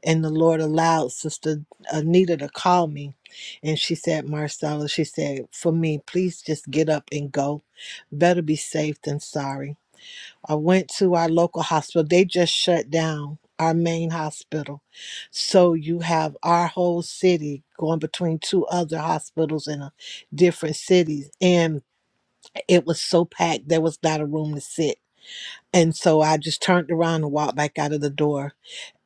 Speaker 8: and the Lord allowed Sister Anita to call me. And she said, Marcella, she said, for me, please just get up and go. Better be safe than sorry. I went to our local hospital. They just shut down our main hospital. So you have our whole city going between two other hospitals in a different cities. And it was so packed, there was not a room to sit. And so I just turned around and walked back out of the door.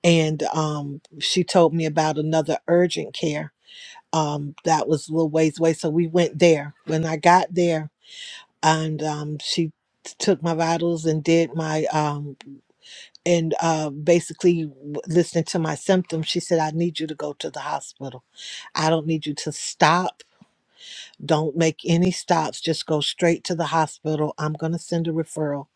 Speaker 8: And um, she told me about another urgent care um, that was a little ways away. So we went there. When I got there, and um, she took my vitals and did my um, and uh, basically w- listening to my symptoms, she said, I need you to go to the hospital. I don't need you to stop. Don't make any stops. Just go straight to the hospital. I'm going to send a referral.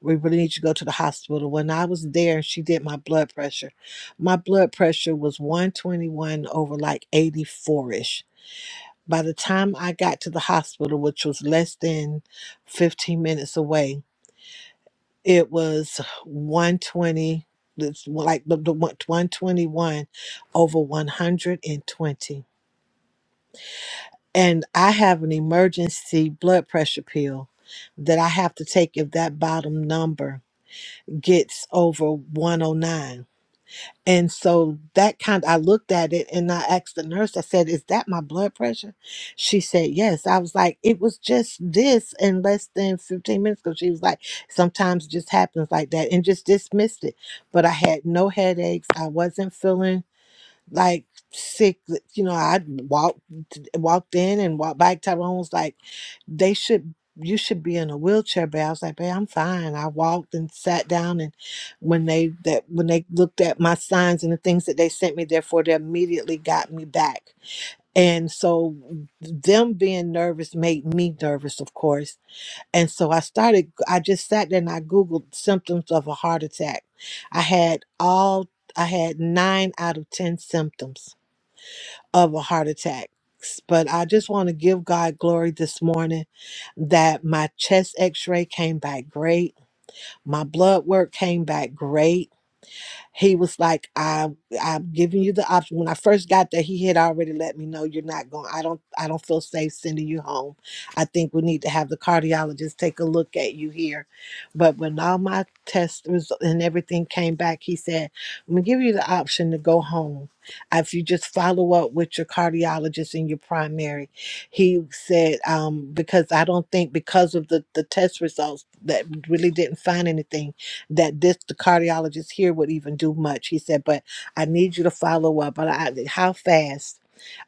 Speaker 8: We really need you to go to the hospital. When I was there and she did my blood pressure, my blood pressure was 121 over like 84 ish. By the time I got to the hospital, which was less than 15 minutes away, it was 120, it's like the, the one- 121 over 120. And twenty. And I have an emergency blood pressure pill that I have to take if that bottom number gets over 109. And so that kind, I looked at it and I asked the nurse, I said, Is that my blood pressure? She said, Yes. I was like, It was just this in less than 15 minutes ago. She was like, Sometimes it just happens like that and just dismissed it. But I had no headaches. I wasn't feeling like sick. You know, I walked walked in and walked back. Tyrone was like, "They should, you should be in a wheelchair." But I was like, "Babe, I'm fine." I walked and sat down, and when they that when they looked at my signs and the things that they sent me there for, they immediately got me back. And so, them being nervous made me nervous, of course. And so I started. I just sat there and I googled symptoms of a heart attack. I had all. I had nine out of ten symptoms of a heart attack. But I just want to give God glory this morning that my chest x ray came back great. My blood work came back great. He was like, "I'm I'm giving you the option." When I first got there, he had already let me know you're not going. I don't I don't feel safe sending you home. I think we need to have the cardiologist take a look at you here. But when all my tests result and everything came back, he said, "I'm gonna give you the option to go home." Uh, If you just follow up with your cardiologist and your primary, he said um, because I don't think because of the the test results that really didn't find anything that this the cardiologist here would even do much. He said, but I need you to follow up. But I, how fast?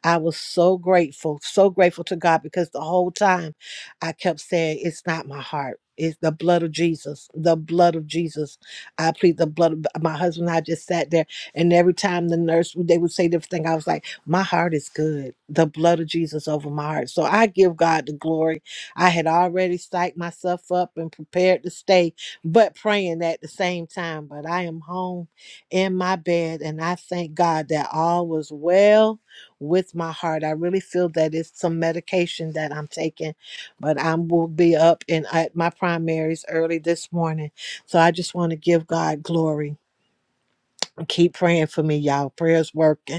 Speaker 8: I was so grateful, so grateful to God because the whole time I kept saying, It's not my heart. It's the blood of Jesus, the blood of Jesus. I plead the blood of my husband. and I just sat there, and every time the nurse they would say different thing, I was like, My heart is good. The blood of Jesus over my heart. So I give God the glory. I had already psyched myself up and prepared the stage but praying at the same time. But I am home in my bed, and I thank God that all was well with my heart. I really feel that it's some medication that I'm taking, but I will be up and at my primaries early this morning. So I just want to give God glory. Keep praying for me, y'all. Prayers working.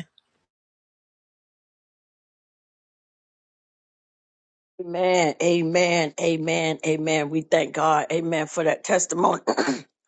Speaker 2: Amen. Amen. Amen. Amen. We thank God. Amen for that testimony.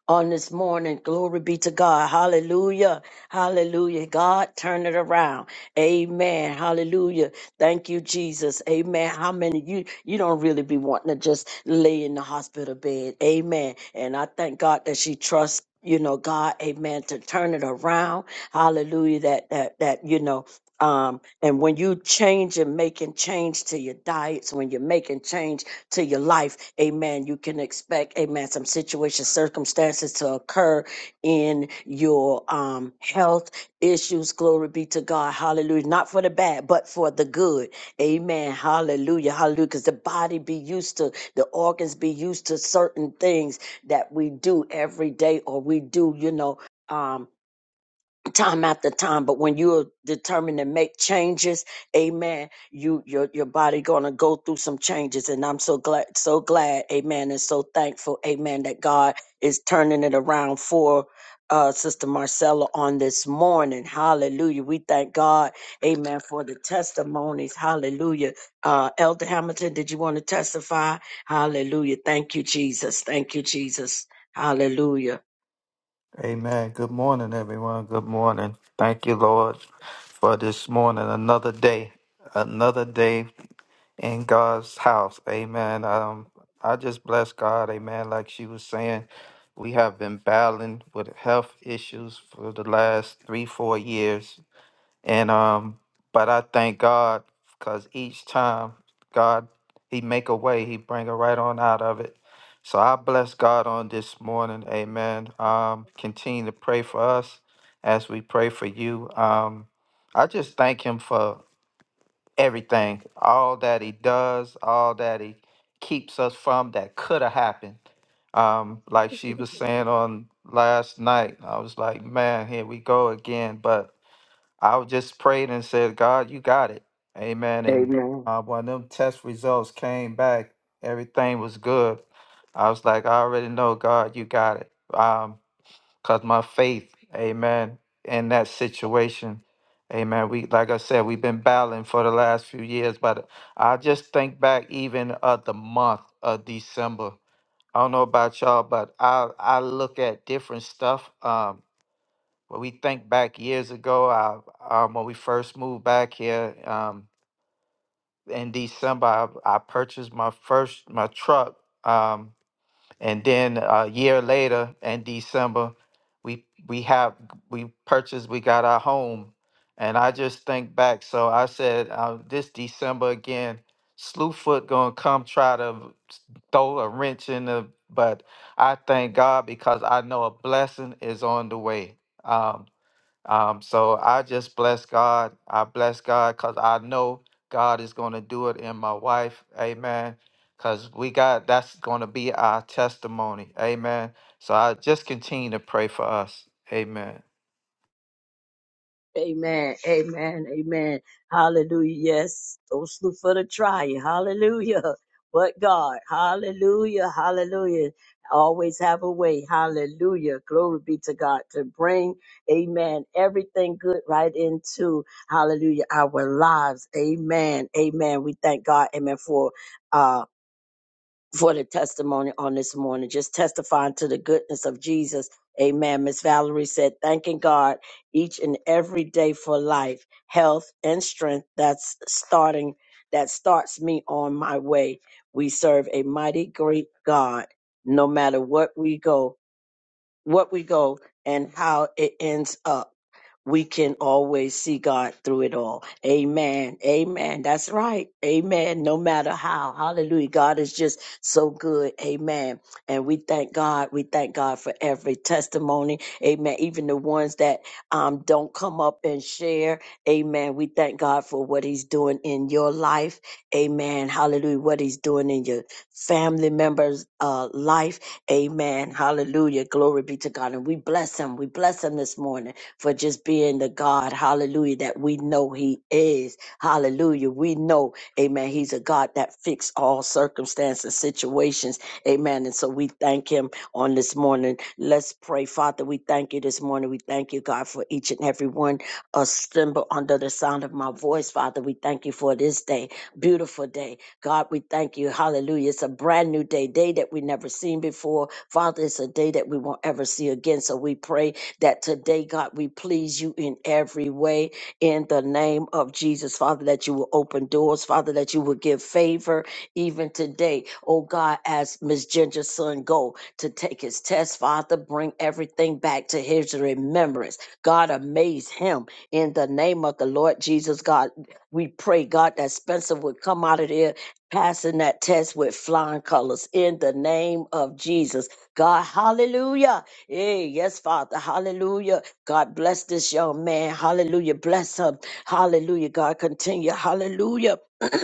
Speaker 2: On this morning, glory be to God. Hallelujah. Hallelujah. God, turn it around. Amen. Hallelujah. Thank you, Jesus. Amen. How many you you don't really be wanting to just lay in the hospital bed. Amen. And I thank God that she trusts, you know, God, amen, to turn it around. Hallelujah. That that that, you know. Um, and when you change and making change to your diets, when you're making change to your life, amen, you can expect, amen, some situations, circumstances to occur in your um, health issues. Glory be to God. Hallelujah. Not for the bad, but for the good. Amen. Hallelujah. Hallelujah. Because the body be used to, the organs be used to certain things that we do every day or we do, you know. Um, time after time but when you're determined to make changes amen you your your body gonna go through some changes and i'm so glad so glad amen and so thankful amen that god is turning it around for uh, Sister Marcella on this morning. Hallelujah. We thank God. Amen. For the testimonies. Hallelujah. Uh, Elder Hamilton, did you want to testify? Hallelujah. Thank you, Jesus. Thank you, Jesus. Hallelujah.
Speaker 1: Amen. Good morning, everyone. Good morning. Thank you, Lord, for this morning. Another day, another day in God's house. Amen. Um, I just bless God. Amen. Like she was saying, we have been battling with health issues for the last three, four years. And um, but I thank God because each time God He make a way, He bring it right on out of it. So I bless God on this morning. Amen. Um, continue to pray for us as we pray for you. Um, I just thank Him for everything, all that He does, all that He keeps us from that could have happened. Um, like she was saying on last night, I was like, man, here we go again. But I just prayed and said, God, you got it. Amen. And
Speaker 2: Amen.
Speaker 1: uh, when them test results came back, everything was good. I was like, I already know, God, you got it. Because my faith, amen, in that situation, amen. We, like I said, we've been battling for the last few years, but I just think back even of the month of December. I don't know about y'all, but I, I look at different stuff. um. When we think back years ago, I, um, when we first moved back here um, in December, I, I purchased my first my truck, um, and then a year later in December, we we have we purchased we got our home, and I just think back. So I said, uh, this December again, Slewfoot gonna come try to s- throw a wrench in the. But I thank God because I know a blessing is on the way. Um, um, so I just bless God. I bless God because I know God is going to do it in my wife. Amen. Because we got that's going to be our testimony. Amen. So I just continue to pray for us. Amen.
Speaker 2: Amen. Amen. Amen. Hallelujah. Yes. Those slew for the try. Hallelujah. But God. Hallelujah. Hallelujah. Always have a way. Hallelujah. Glory be to God to bring, amen, everything good right into, hallelujah, our lives. Amen. Amen. We thank God, amen, for, uh, for the testimony on this morning, just testifying to the goodness of Jesus. Amen. Miss Valerie said, thanking God each and every day for life, health, and strength that's starting, that starts me on my way. We serve a mighty great God, no matter what we go, what we go, and how it ends up we can always see God through it all. Amen. Amen. That's right. Amen. No matter how. Hallelujah. God is just so good. Amen. And we thank God. We thank God for every testimony. Amen. Even the ones that um, don't come up and share. Amen. We thank God for what He's doing in your life. Amen. Hallelujah. What He's doing in your family members' uh, life. Amen. Hallelujah. Glory be to God. And we bless Him. We bless Him this morning for just being the God, hallelujah, that we know He is. Hallelujah. We know, amen, He's a God that fixed all circumstances, situations, amen. And so we thank Him on this morning. Let's pray, Father. We thank you this morning. We thank you, God, for each and every one assembled under the sound of my voice, Father. We thank you for this day, beautiful day. God, we thank you. Hallelujah. It's a brand new day, day that we never seen before. Father, it's a day that we won't ever see again. So we pray that today, God, we please you in every way in the name of Jesus, Father, that you will open doors, Father, that you will give favor even today. Oh God, as Miss Ginger's son go to take his test, Father, bring everything back to his remembrance. God, amaze him in the name of the Lord Jesus, God. We pray, God, that Spencer would come out of there passing that test with flying colors in the name of Jesus. God, hallelujah Hey, yes, Father. Hallelujah. God bless this young man. Hallelujah. Bless him. Hallelujah. God continue. Hallelujah.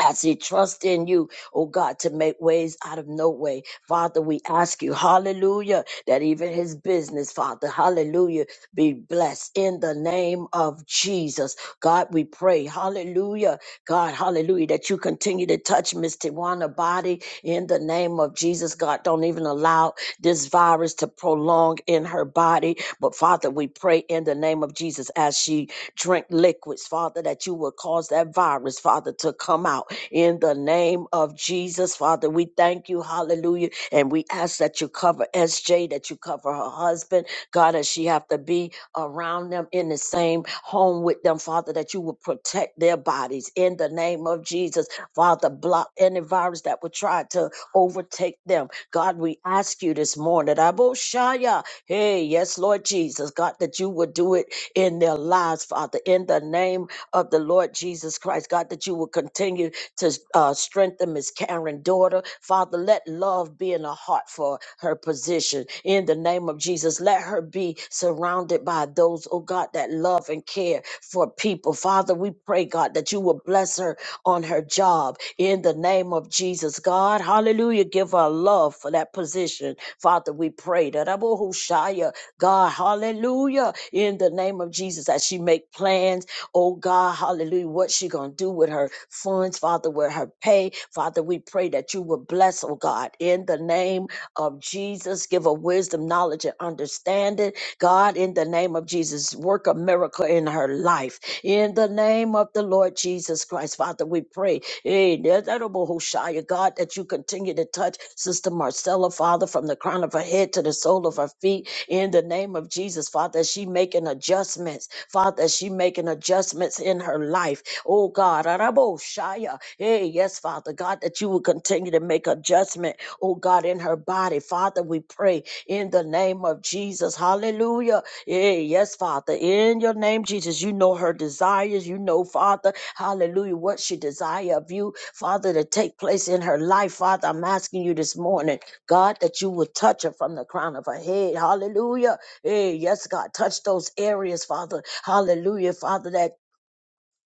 Speaker 2: as he trusts in you, oh God, to make ways out of no way. Father, we ask you, hallelujah, that even his business, Father, hallelujah, be blessed in the name of Jesus. God, we pray, hallelujah, God, hallelujah, that you continue to touch Miss Tijuana body in the name of Jesus. God, don't even allow this virus to prolong in her body. But Father, we pray in the name of Jesus as she drink liquids, Father, that you will cause that virus, Father, to come out in the name of Jesus, Father. We thank you, hallelujah. And we ask that you cover SJ, that you cover her husband, God, as she have to be around them in the same home with them, Father, that you will protect their bodies in the name of Jesus. Father, block any virus that would try to overtake them. God, we ask you this morning, Aboshaya. Hey, yes, Lord Jesus, God, that you would do it in their lives, Father, in the name of the Lord Jesus Christ. God, that you will continue to uh, strengthen Miss Karen, daughter. Father, let love be in her heart for her position. In the name of Jesus, let her be surrounded by those, oh God, that love and care for people. Father, we pray, God, that you will bless her on on her job in the name of Jesus. God, hallelujah, give her love for that position. Father, we pray that Abu Hushaya, God, hallelujah, in the name of Jesus, as she make plans, oh God, hallelujah, what she gonna do with her funds, Father, with her pay. Father, we pray that you will bless, oh God, in the name of Jesus. Give her wisdom, knowledge, and understanding. God, in the name of Jesus, work a miracle in her life. In the name of the Lord Jesus Christ, Father, we pray. eh, that- that about Hoshea, God, that you continue to touch Sister Marcella, Father, from the crown of her head to the sole of her feet. In the name of Jesus, Father, as she making adjustments. Father, as she making adjustments adjustments in her life. Oh God, Arabo Shaya. Hey, yes, Father God, that you will continue to make adjustment, oh God, in her body. Father, we pray in the name of Jesus. Hallelujah. Hey, yes, Father, in your name, Jesus, you know her desires. You know, Father, hallelujah, what she desire of you, Father, to take place in her life. Father, I'm asking you this morning, God, that you would touch her from the crown of her head. Hallelujah. Hey, yes, God, touch those areas, Father. Hallelujah, Father, that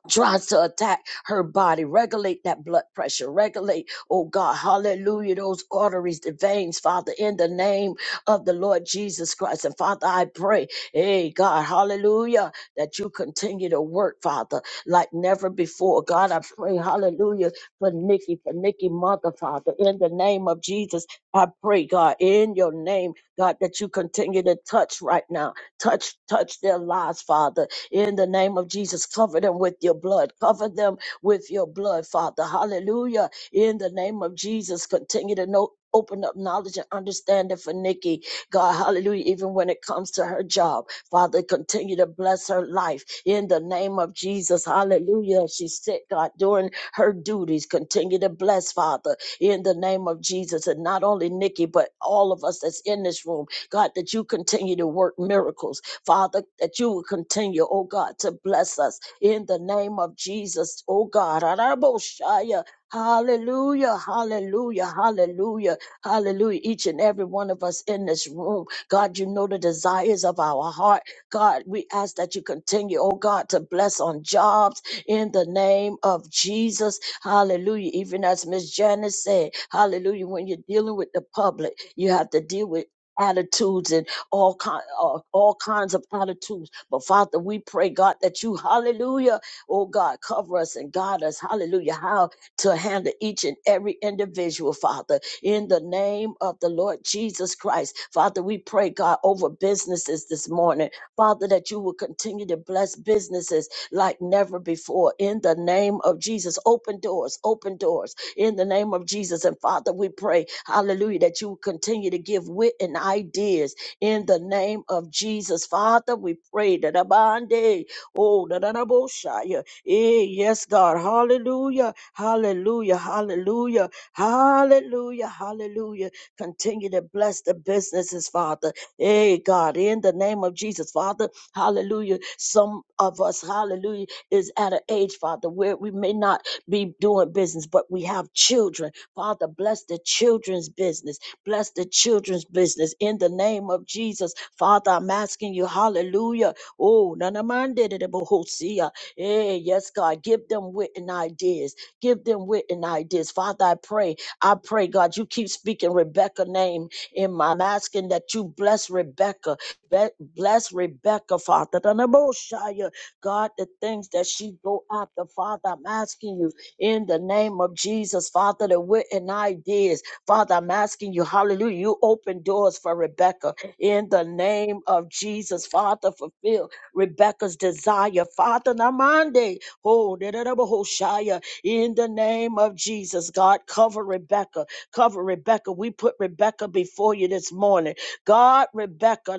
Speaker 2: tries to attack her body. Regulate that blood pressure. Regulate, oh God, hallelujah, those arteries, the veins, Father, in the name of the Lord Jesus Christ. And Father, I pray, hey, God, hallelujah, that you continue to work, Father, like never before. God, I pray, hallelujah, for Nikki, for Nikki, mother, Father, in the name of Jesus. I pray, God, in your name, God, that you continue to touch right now. Touch, touch their lives, Father in the name of Jesus. Cover them with your blood. Cover them with your blood, Father. Hallelujah. In the name of Jesus, continue to know. Open up knowledge and understanding for Nikki. God, hallelujah. Even when it comes to her job, Father, continue to bless her life in the name of Jesus. Hallelujah. She's sick, God, doing her duties. Continue to bless, Father, in the name of Jesus. And not only Nikki, but all of us that's in this room, God, that you continue to work miracles. Father, that you will continue, oh God, to bless us in the name of Jesus, oh God. Araboshaya. Hallelujah, hallelujah, hallelujah, hallelujah. Each and every one of us in this room, God, you know the desires of our heart. God, we ask that you continue, oh God, to bless on jobs in the name of Jesus. Hallelujah. Even as Miss Janice said, hallelujah, when you're dealing with the public, you have to deal with attitudes and all kind, all, all kinds of attitudes. But Father, we pray, God, that you, hallelujah, oh God, cover us and guide us, hallelujah, How to handle each and every individual, Father, in the name of the Lord Jesus Christ. Father, we pray, God, over businesses this morning. Father, that you will continue to bless businesses like never before. In the name of Jesus, open doors, open doors. In the name of Jesus. And Father, we pray, hallelujah, that you will continue to give wit and ideas in the name of Jesus. Father, we pray that abande. Oh, da da da bo shaya. Eh, yes, God. Hallelujah. Hallelujah. Hallelujah. Hallelujah. Hallelujah. Continue to bless the businesses, Father. Hey, God, in the name of Jesus, Father. Hallelujah. Some of us, hallelujah, is at an age, Father, where we may not be doing business, but we have children children. Father, bless the children's business. Bless the children's business in the name of Jesus. Father, I'm asking you, hallelujah. Oh, none of mine did it, but Hosea. Eh, yes, God, give them wit and ideas. Give them wit and ideas. Father, I pray. I pray, God, you keep speaking Rebecca's name in my I'm asking that you bless Rebecca. Rebecca. Be- Bless Rebecca, Father. The Neboshaya, God, the things that she go after, Father, I'm asking you in the name of Jesus, Father, the wit and ideas. Father, I'm asking you, hallelujah, you open doors for Rebecca in the name of Jesus, Father, fulfill Rebecca's desire, Father, Namande, oh, da- da- da- Neboshaya, in the name of Jesus, God, cover Rebecca, cover Rebecca. We put Rebecca before you this morning. God, Rebecca,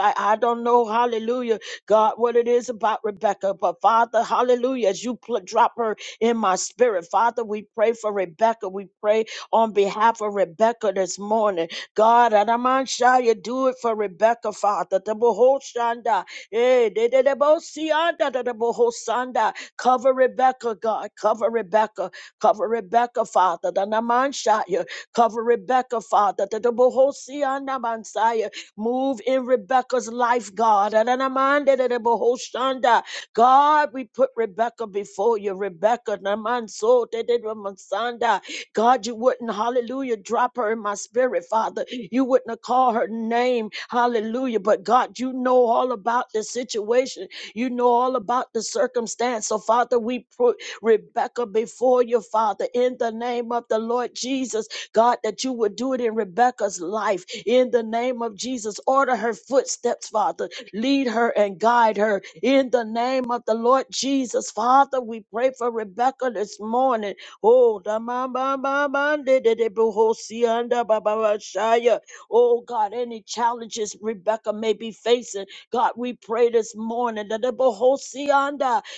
Speaker 2: I don't know, hallelujah, God, what it is about Rebecca, but Father, hallelujah, as you pl- drop her in my spirit, Father, we pray for Rebecca. We pray on behalf of Rebecca this morning. God, you do it for Rebecca, Father. The boho Eh, de- de- de- bo- si- de- de- boho Cover Rebecca, God. Cover Rebecca. Cover Rebecca, Father. The naman shaya. Cover Rebecca, Father. that the Bohosi and the Messiah Move in Rebecca's life, God. And then I'm under the the Bohoshanda. God, we put Rebecca before you. Rebecca, Naman so, Tedemansanda. God, you wouldn't, hallelujah, drop her in my spirit, Father. You wouldn't have called her name, hallelujah. But God, you know all about the situation, you know all about the circumstance. So, Father, we put Rebecca before you, Father, in the name of the Lord Jesus, God, that you would do it in Rebecca's life, in the name of Jesus. Order her footsteps, Father. Lead her and guide her in the name of the Lord Jesus. Father, we pray for Rebecca this morning. Oh, da ma ba ba ba de de de bo ho si an da ba ba ba shaya. Oh God, any challenges Rebecca may be facing, God, we pray this morning that the bo ho si an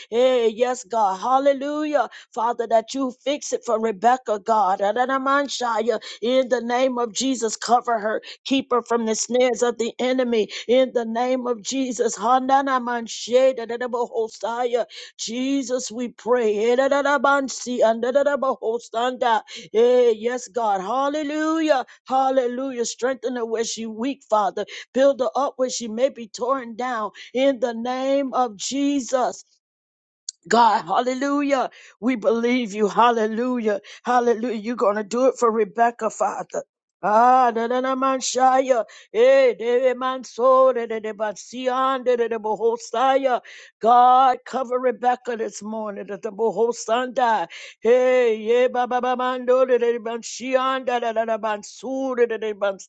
Speaker 2: Hey, yes, God, Hallelujah, Father, that you fix it for Rebecca, God, Da da da man shaya. In the name of Jesus, cover her, keep her from the snares of the enemy. In the name of Jesus, Hanana man shaya, da da da bo ho saya. Jesus, we pray. Ererarabansi, andererabahosanda. Eh, Yes, God. Hallelujah. Hallelujah. Strengthen her where she weak, Father. Build her up where she may be torn down. In the name of Jesus. God, hallelujah. We believe you. Hallelujah. Hallelujah. You're going to do it for Rebecca, Father. Ah, na na na man shaya, eh, de de, man so, de de de man sian, de de de bohosaya. God, cover Rebecca this morning, that the bohosanda, hey, yeah, ba ba ba man do, de de de man shian, da da da da man so, de de de man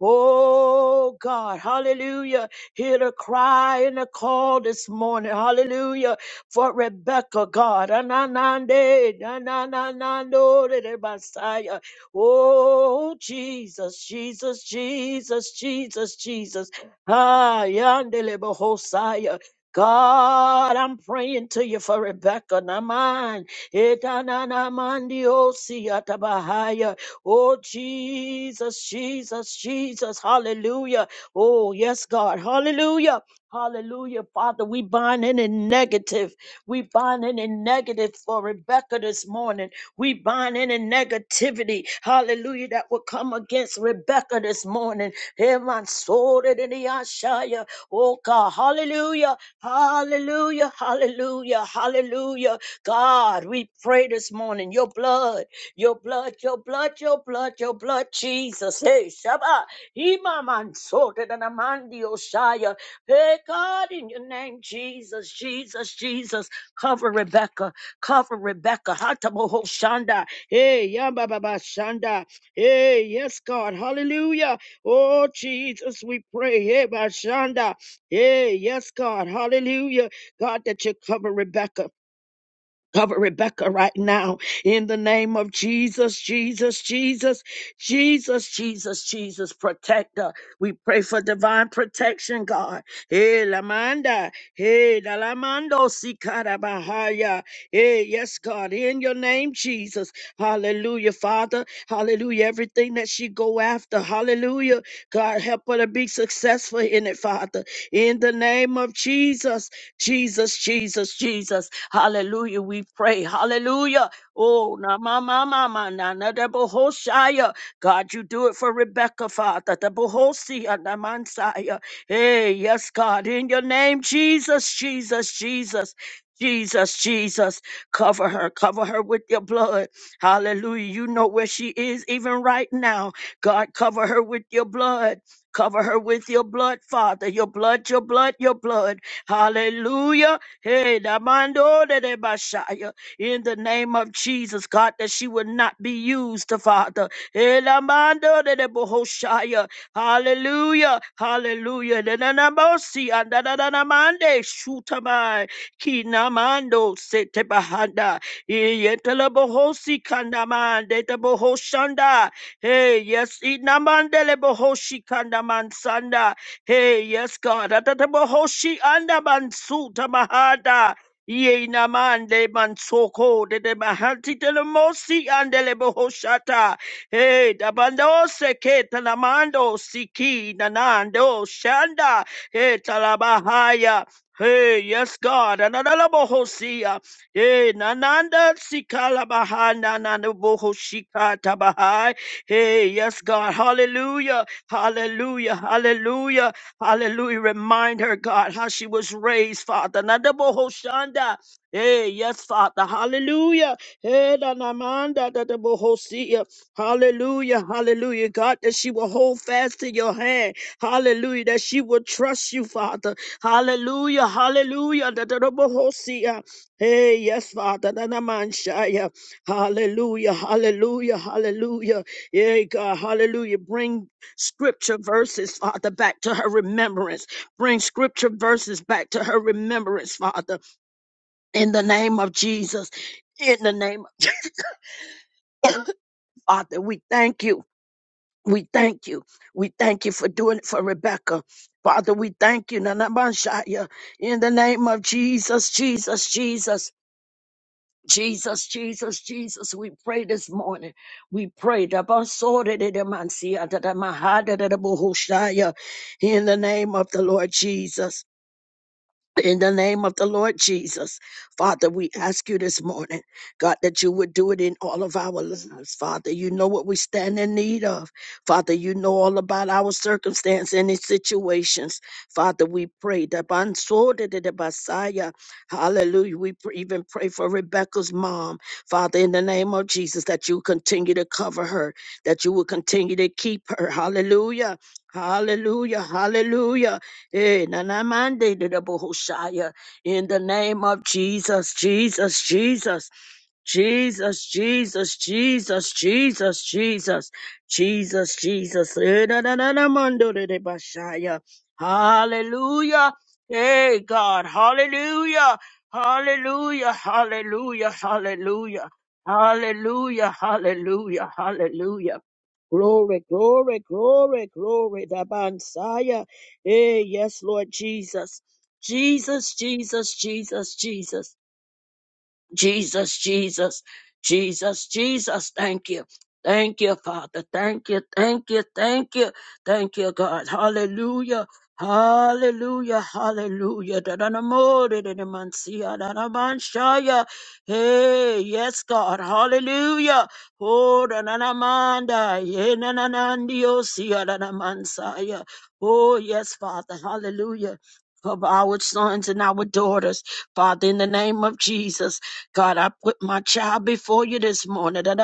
Speaker 2: Oh God, hallelujah. Hear the cry and the call this morning. Hallelujah. For Rebecca, God. Ananande, nananando, de de Messiah. Oh Jesus, Jesus, Jesus, Jesus, Jesus. Ah, yandele bohosaya. God, I'm praying to you for Rebecca. Naman. Etanana mandio siatabahaya. Oh, Jesus, Jesus, Jesus. Hallelujah. Oh, yes, God. Hallelujah. Hallelujah. Father, we bind any negative. We bind any negative for Rebecca this morning. We bind any negativity. Hallelujah. That will come against Rebecca this morning. Hear my sword it in the Ashaya. Oh, God. Hallelujah. Hallelujah. Hallelujah. Hallelujah. God, we pray this morning. Your blood. Your blood, your blood, your blood, your blood, Jesus. Hey, Shabbat. Imaman sorted and amandi Oshaya. Hey, God, in your name, Jesus, Jesus, Jesus. Cover Rebecca. Cover Rebecca. Hatamoho Shanda. Hey, Yamba Baba Shanda. Hey, yes, God. Hallelujah. Oh, Jesus, we pray. Hey, Bashanda. Hey, yes, God. Hallelujah. God, that you cover Rebecca. Cover Rebecca right now in the name of Jesus, Jesus, Jesus, Jesus, Jesus, Jesus, protect her. We pray for divine protection, God. Hey, Lamanda. Hey, Dalamando Sikarabahaya. Hey, yes, God, in your name, Jesus. Hallelujah, Father. Hallelujah. Everything that she go after. Hallelujah. God, help her to be successful in it, Father. In the name of Jesus. Jesus, Jesus, Jesus. Hallelujah. We pray. Hallelujah. Oh, na ma ma ma ma na na da bo ho shia. God, you do it for Rebecca, Father. Da bo ho sia na man sia. Hey, yes, God, in your name, Jesus, Jesus, Jesus. Jesus, Jesus, cover her, cover her with your blood. Hallelujah. You know where she is even right now. God, cover her with your blood. Cover her with your blood, Father. Your blood, your blood, your blood. Hallelujah. Hey, Damando de de Bashaya. In the name of Jesus, God, that she would not be used, Father. Hey, Lamando de de Bohoshaya. Hallelujah. Hallelujah. De na na bosi, anda da da na mande, shutamai. Kinamando sete bahanda. Yetela bohosi kandamande de bohoshanda. Hey, yes, inamandele bohoshi kandaman Hey, yes, God. Atatabohoshi andabansuta mahada. Ye namande mansoko de de mahanti de la mosi andele bohoshata. Hey, dabando seke talamando siki nanando shanda. Hey, talabahaya. Hey, yes, God. Anadala bohosia. Hey, nananda sikala bahanda nanabohoshika tabahai. Hey, yes, God. Hallelujah. Hallelujah. Hallelujah. Hallelujah. Remind her, God, how she was raised, Father. Nadabohoshanda. Hey, yes, Father. Hallelujah. Hey, nanamanda dadabohosia. Hallelujah. Hallelujah. God, that she will hold fast to your hand. Hallelujah. That she will trust you, Father. Hallelujah. Hallelujah. Dadabohosia. Hey, yes, Father. Nanamanshaya. Hallelujah. Hallelujah. Hallelujah. Yeah, God. Hallelujah. Bring scripture verses, Father, back to her remembrance. Bring scripture verses back to her remembrance, Father, in the name of Jesus. In the name of Jesus, Father, we thank you. We thank you. We thank you for doing it for Rebecca. Father, we thank you. Nanabashaya. In the name of Jesus, Jesus, Jesus. Jesus, Jesus, Jesus, we pray this morning. We pray. Dabasoredemansiyadadamahadadadabohoshaya. In the name of the Lord Jesus. In the name of the Lord Jesus, Father, we ask you this morning, God, that you would do it in all of our lives. Father, you know what we stand in need of. Father, you know all about our circumstance and its situations. Father, we pray that Bansore de the Messiah, hallelujah. We pr- even pray for Rebecca's mom. Father, in the name of Jesus, that you continue to cover her, that you will continue to keep her. Hallelujah. Hallelujah. Hallelujah. Eh, na na mande de de bo In the name of Jesus, Jesus, Jesus. Jesus, Jesus, Jesus, Jesus, Jesus, Jesus, Jesus. Eh, da, da, da, da, mando de de bashaya. Hallelujah. Hey, God. Hallelujah. Hallelujah. Hallelujah. Hallelujah. Hallelujah. Hallelujah. Hallelujah. Glory, glory, glory, glory, the Messiah. Hey, yes, Lord Jesus. Jesus, Jesus, Jesus, Jesus. Jesus, Jesus, Jesus, Jesus. Thank you. Thank you, Father. Thank you, thank you, thank you, thank you, God. Hallelujah. Hallelujah, hallelujah. da da na mo da da-da-da-man-sia, da-da-man-shaya. Hey, yes, God, hallelujah. Oh, da-na-na-manda, yeah, na-na-na-ndio-sia, da-da-man-saya. oh, yes, Father, hallelujah. Of our sons and our daughters, Father, in the name of Jesus. God, I put my child before you this morning. that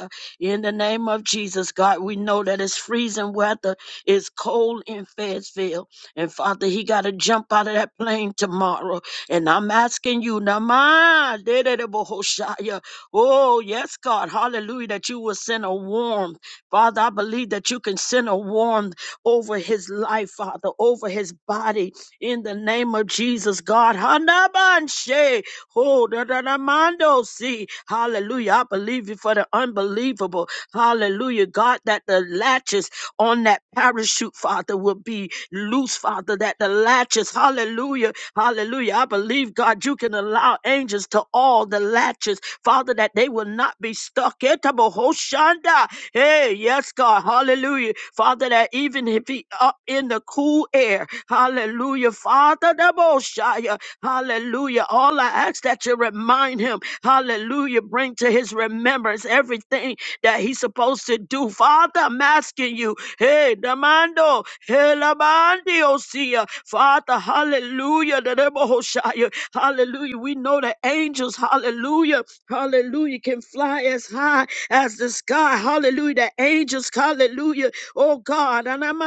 Speaker 2: uh, In the name of Jesus, God, we know that it's freezing weather. It's cold in Fayetteville. And Father, he got to jump out of that plane tomorrow. And I'm asking you, Nama, dededebohoshaya. oh, yes, God, hallelujah, that you will send a warm Father, I believe that you can send a warmth over his life, Father, over his body in the name of Jesus, God. Hanabanshe, ho, da, da, da, mando, see. Hallelujah. I believe you for the unbelievable. Hallelujah. God, that the latches on that parachute, Father, will be loose, Father, that the latches, hallelujah, Hallelujah. I believe, God, you can allow angels to all the latches, Father, that they will not be stuck. Etabohoshanda. Hey, yes, God. Hallelujah. Father, that even if he up in the cool air, hallelujah. Father, Daboshaya. hallelujah. All I ask that you remind him, hallelujah, bring to his remembrance everything that he's supposed to do. Father, I'm asking you, hey, Damando, hey, Lamandio, Father, hallelujah, the Rebbe Hoshaya, hallelujah. We know the angels, hallelujah, hallelujah, can fly as high as the sky, hallelujah. The angels, hallelujah, oh God, and I'm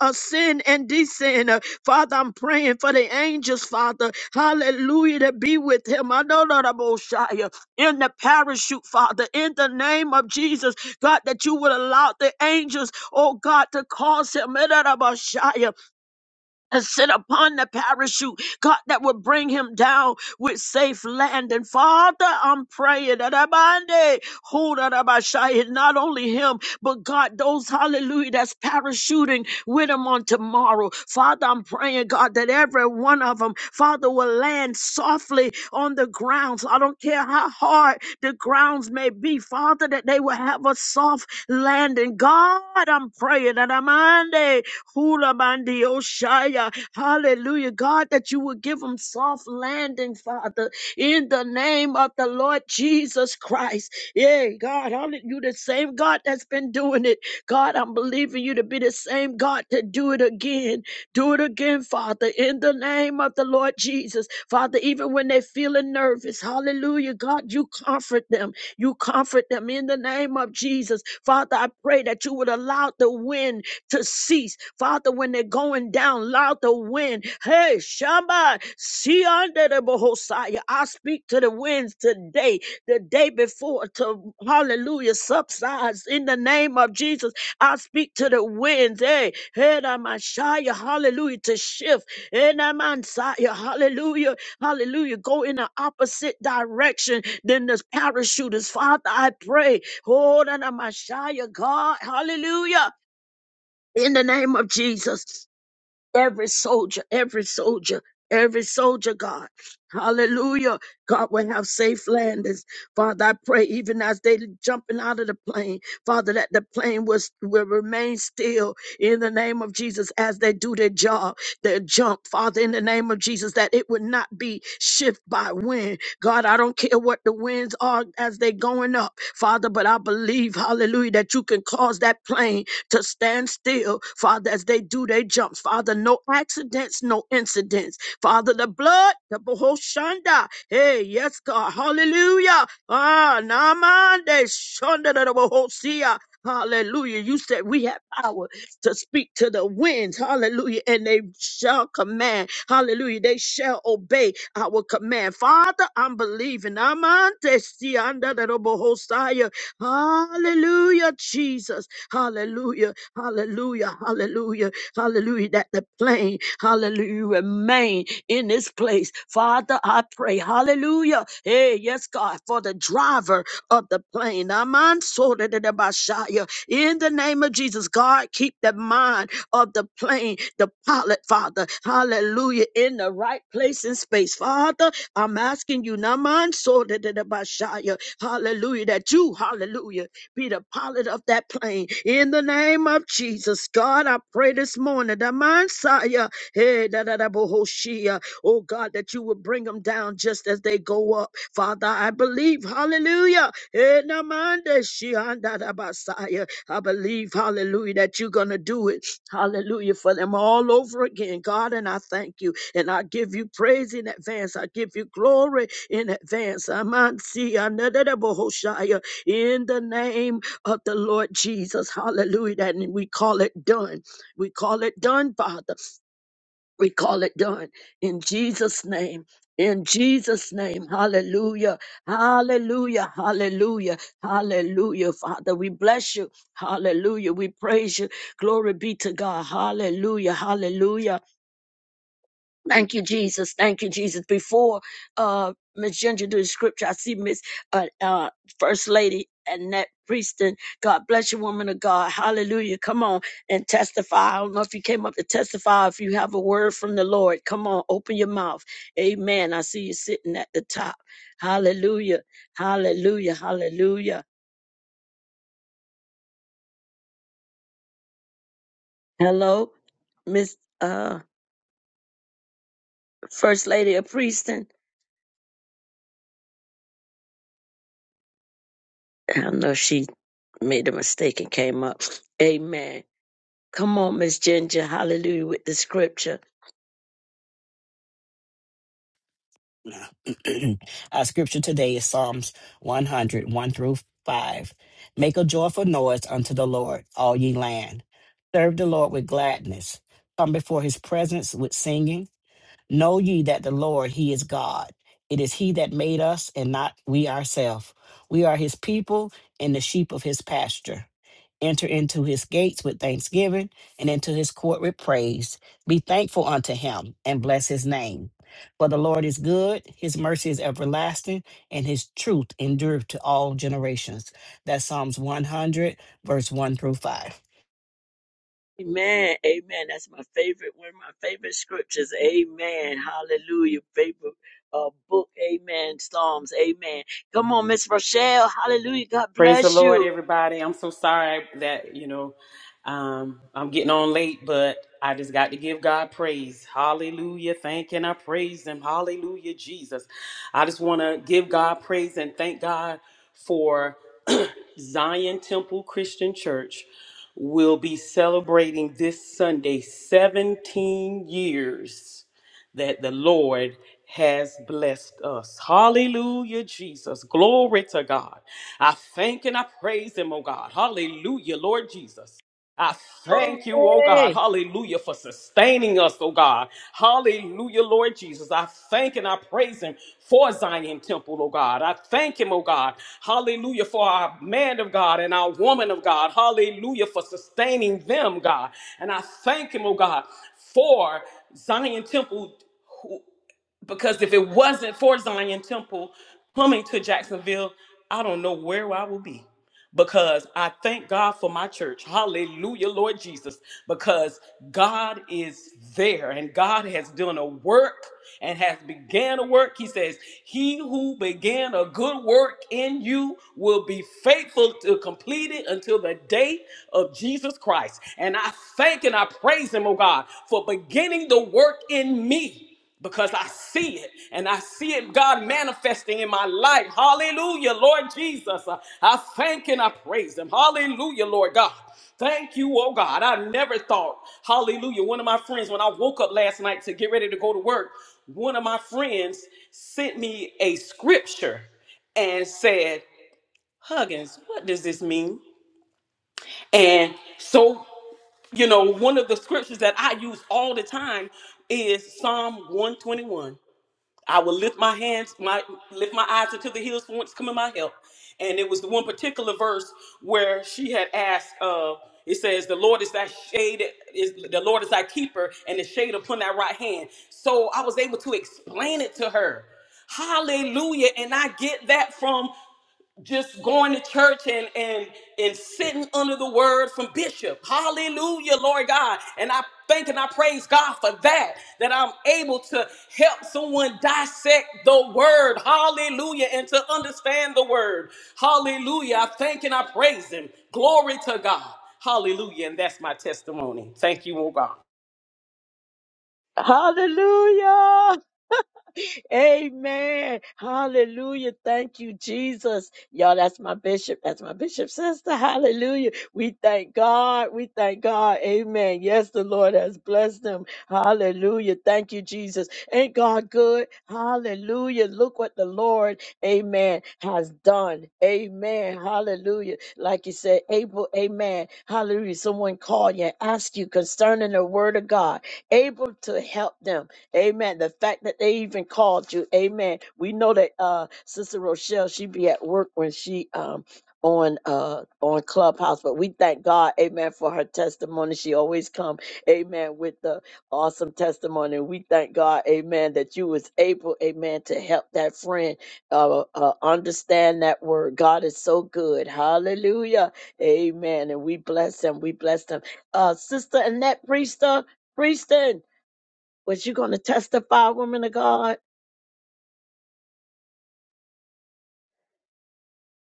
Speaker 2: ascend and descend. Uh, Father, I'm praying for the angels, Father, hallelujah, to be with him. I know that I'm in the parachute, Father, in the name of Jesus, God, that you would allow the angels, oh God, to cause him eh, da, da, ba, shia, and sit upon the parachute, God, that would bring him down with safe land. And Father, I'm praying that Abande, hold on, Abashai, and not only him, but God, those hallelujah that's parachuting with him on tomorrow. Father, I'm praying, God, that every one of them, Father, will land softly on the ground. I don't care how hard the grounds may be, Father, that they will have a soft landing. God, I'm praying that Amande, Hula bandi oshaya. Hallelujah. God, that you would give them soft landing, Father, in the name of the Lord Jesus Christ. Yeah, God, hallelujah. You the same God that's been doing it. God, I'm believing you to be the same God to do it again. Do it again, Father, in the name of the Lord Jesus. Father, even when they're feeling nervous, hallelujah, God, you comfort them. You comfort them in the name of Jesus. Father, I pray that you would allow the wind to cease. Father, when they're going down, loud the wind. Hey, Shamba, see under the Bohosaya. I speak to the winds today, the day before, to hallelujah, subsides in the name of Jesus. I speak to the winds. Hey, hey, Ramashaya, hallelujah, to shift. Hey, Namansaya, hallelujah, hallelujah. Go in the opposite direction than the parachuters. Father, I pray. Oh, Ramashaya, God, hallelujah in the name of Jesus. Every soldier, every soldier, every soldier, God. Hallelujah. God will have safe landings. Father, I pray even as they jumping out of the plane, Father, that the plane was, will remain still in the name of Jesus as they do their job, their jump, Father, in the name of Jesus, that it would not be shift by wind. God, I don't care what the winds are as they going up, Father, but I believe, hallelujah, that you can cause that plane to stand still, Father, as they do their jumps. Father, no accidents, no incidents. Father, the blood, the Bohoshanda. Hey, yes, God. Hallelujah. Ah, Namande Shonda the Bohosia. Hallelujah. You said we have power to speak to the winds. Hallelujah. And they shall command. Hallelujah. They shall obey our command. Father, I'm believing. Amante Sianda the Bohosia. Hallelujah, Jesus. Hallelujah. Hallelujah. Hallelujah. Hallelujah. That the plane, hallelujah, remain in this place. Father, I pray. Hallelujah. Hey, yes, God, for the driver of the plane. Aman sorted it about Bashaya. In the name of Jesus, God, keep the mind of the plane, the pilot, Father. Hallelujah. In the right place in space. Father, I'm asking you, Naman Soda de Bashaya, hallelujah, that you, hallelujah, be the pilot of that plane. In the name of Jesus, God, I pray this morning, Naman Saya, hey, da da da bohoshia, oh God, that you would bring them down just as they go up. Father, I believe, hallelujah, hey, Naman de Shia, da da Basaya, I believe, hallelujah, that you're going to do it, hallelujah, for them all over again, God, and I thank you. And I give you praise in advance. I give you glory in advance. Amansi anadadabohoshaya. In the name of the Lord Jesus. Hallelujah. And we call it done. We call it done, Father. We call it done. In Jesus' name. In Jesus' name. Hallelujah. Hallelujah. Hallelujah. Hallelujah. Father, we bless you. Hallelujah. We praise you. Glory be to God. Hallelujah. Hallelujah. Thank you, Jesus. Thank you, Jesus. Before uh Miss Ginger do the scripture, I see Miss uh, uh First Lady Annette Prieston. God bless you, woman of God. Hallelujah. Come on and testify. I don't know if you came up to testify. If you have a word from the Lord, come on, open your mouth. Amen. I see you sitting at the top. Hallelujah. Hallelujah. Hallelujah. Hello, Miss uh First Lady of Prieston. I don't know if she made a mistake and came up. Amen. Come on, Miss Ginger. Hallelujah with the scripture.
Speaker 7: Our scripture today is Psalms 100, 1 through 5. Make a joyful noise unto the Lord, all ye land. Serve the Lord with gladness. Come before his presence with singing. Know ye that the Lord, He is God. It is He that made us and not we ourselves. We are His people and the sheep of His pasture. Enter into His gates with thanksgiving and into His court with praise. Be thankful unto Him and bless His name. For the Lord is good, His mercy is everlasting, and His truth endureth to all generations. That's Psalms 100, verse 1 through 5.
Speaker 2: Amen. Amen. That's my favorite, one of my favorite scriptures. Amen. Hallelujah. Favorite uh, book. Amen. Psalms. Amen. Come on, Miss Rochelle. Hallelujah. God
Speaker 9: Praise the
Speaker 2: bless
Speaker 9: Lord,
Speaker 2: you.
Speaker 9: everybody. I'm so sorry that, you know, um, I'm getting on late, but I just got to give God praise. Hallelujah. Thank and I praise Him. Hallelujah, Jesus. I just want to give God praise and thank God for Zion Temple Christian Church will be celebrating this Sunday 17 years that the Lord has blessed us. Hallelujah, Jesus. Glory to God. I thank and I praise Him, oh God. Hallelujah, Lord Jesus. I thank you, oh God,
Speaker 2: Glory.
Speaker 9: hallelujah, for sustaining us, oh God. Hallelujah, Lord Jesus. I thank and I praise him for Zion Temple, oh God. I thank him, oh God, hallelujah, for our man of God and our woman of God, hallelujah, for sustaining them, God. And I thank him, oh God, for Zion Temple because if it wasn't for Zion Temple coming to Jacksonville, I don't know where I will be. Because I thank God for my church. Hallelujah, Lord Jesus. Because God is there and God has done a work and has began a work. He says, He who began a good work in you will be faithful to complete it until the day of Jesus Christ. And I thank and I praise Him, oh God, for beginning the work in me because I see it and I see it, God, manifesting in my life. Hallelujah, Lord Jesus. Uh, I thank and I praise Him. Hallelujah, Lord God. Thank you, oh God. I never thought, hallelujah. One of my friends, when I woke up last night to get ready to go to work, one of my friends sent me a scripture and said, Huggins, what does this mean? And so, you know, one of the scriptures that I use all the time is Psalm 121. I would lift my hands, my lift my eyes into the hills from whence coming my help. And it was the one particular verse where she had asked, uh, it says, The Lord is thy shade, is the Lord is thy keeper, and the shade upon thy right hand. So I was able to explain it to her. Hallelujah. And I get that from just going to church and and and sitting under the word from bishop hallelujah lord god and i thank and i praise god for that that i'm able to help someone dissect the word hallelujah and to understand the word hallelujah i thank and i praise him glory to god hallelujah and that's my testimony thank you oh god
Speaker 2: Hallelujah. Amen. Hallelujah. Thank you, Jesus. Y'all, that's my bishop. That's my bishop sister. Hallelujah. We thank God. We thank God. Amen. Yes, the Lord has blessed them. Hallelujah. Thank you, Jesus. Ain't God good? Hallelujah. Look what the Lord, amen, has done. Amen. Hallelujah. Like you said, Abel, amen. Hallelujah. Someone called you and asked you concerning the word of God, able to help them. Amen. The fact that they even called you, Amen. We know that uh Sister Rochelle, she be at work when she um on uh on Clubhouse, but we thank God, Amen, for her testimony. She always come, Amen, with the awesome testimony. We thank God, Amen, that you was able, Amen, to help that friend uh, uh understand that word. God is so good. Hallelujah. Amen. And we bless him. We bless him. Uh Sister Annette Priester, Prieston. Was you going to testify, woman of God?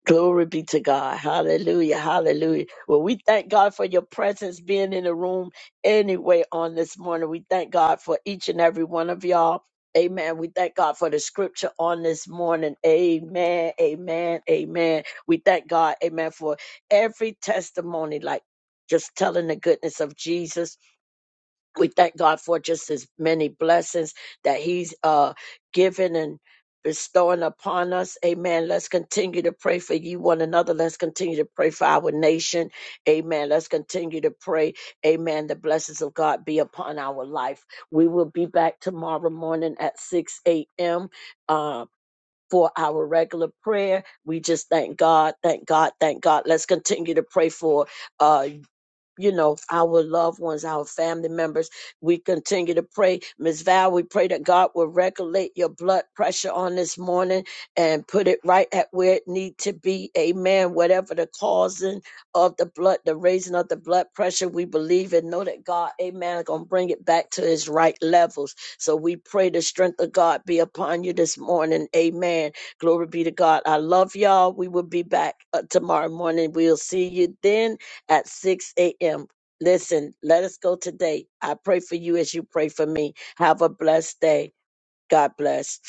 Speaker 2: Glory be to God. Hallelujah. Hallelujah. Well, we thank God for your presence being in the room anyway on this morning. We thank God for each and every one of y'all. Amen. We thank God for the scripture on this morning. Amen. Amen. Amen. We thank God. Amen. For every testimony, like just telling the goodness of Jesus we thank God for just his many blessings that he's uh given and bestowing upon us. Amen. Let's continue to pray for you one another. Let's continue to pray for our nation. Amen. Let's continue to pray. Amen. The blessings of God be upon our life. We will be back tomorrow morning at 6 a.m. Uh for our regular prayer, we just thank God, thank God, thank God. Let's continue to pray for uh, you know, our loved ones, our family members. We continue to pray. Miss Val, we pray that God will regulate your blood pressure on this morning and put it right at where it need to be. Amen. Whatever the causing of the blood, the raising of the blood pressure, we believe and know that God, amen, going to bring it back to his right levels. So we pray the strength of God be upon you this morning. Amen. Glory be to God. I love y'all. We will be back uh, tomorrow morning. We'll see you then at 6 a.m. Listen, let us go today. I pray for you as you pray for me. Have a blessed day. God bless.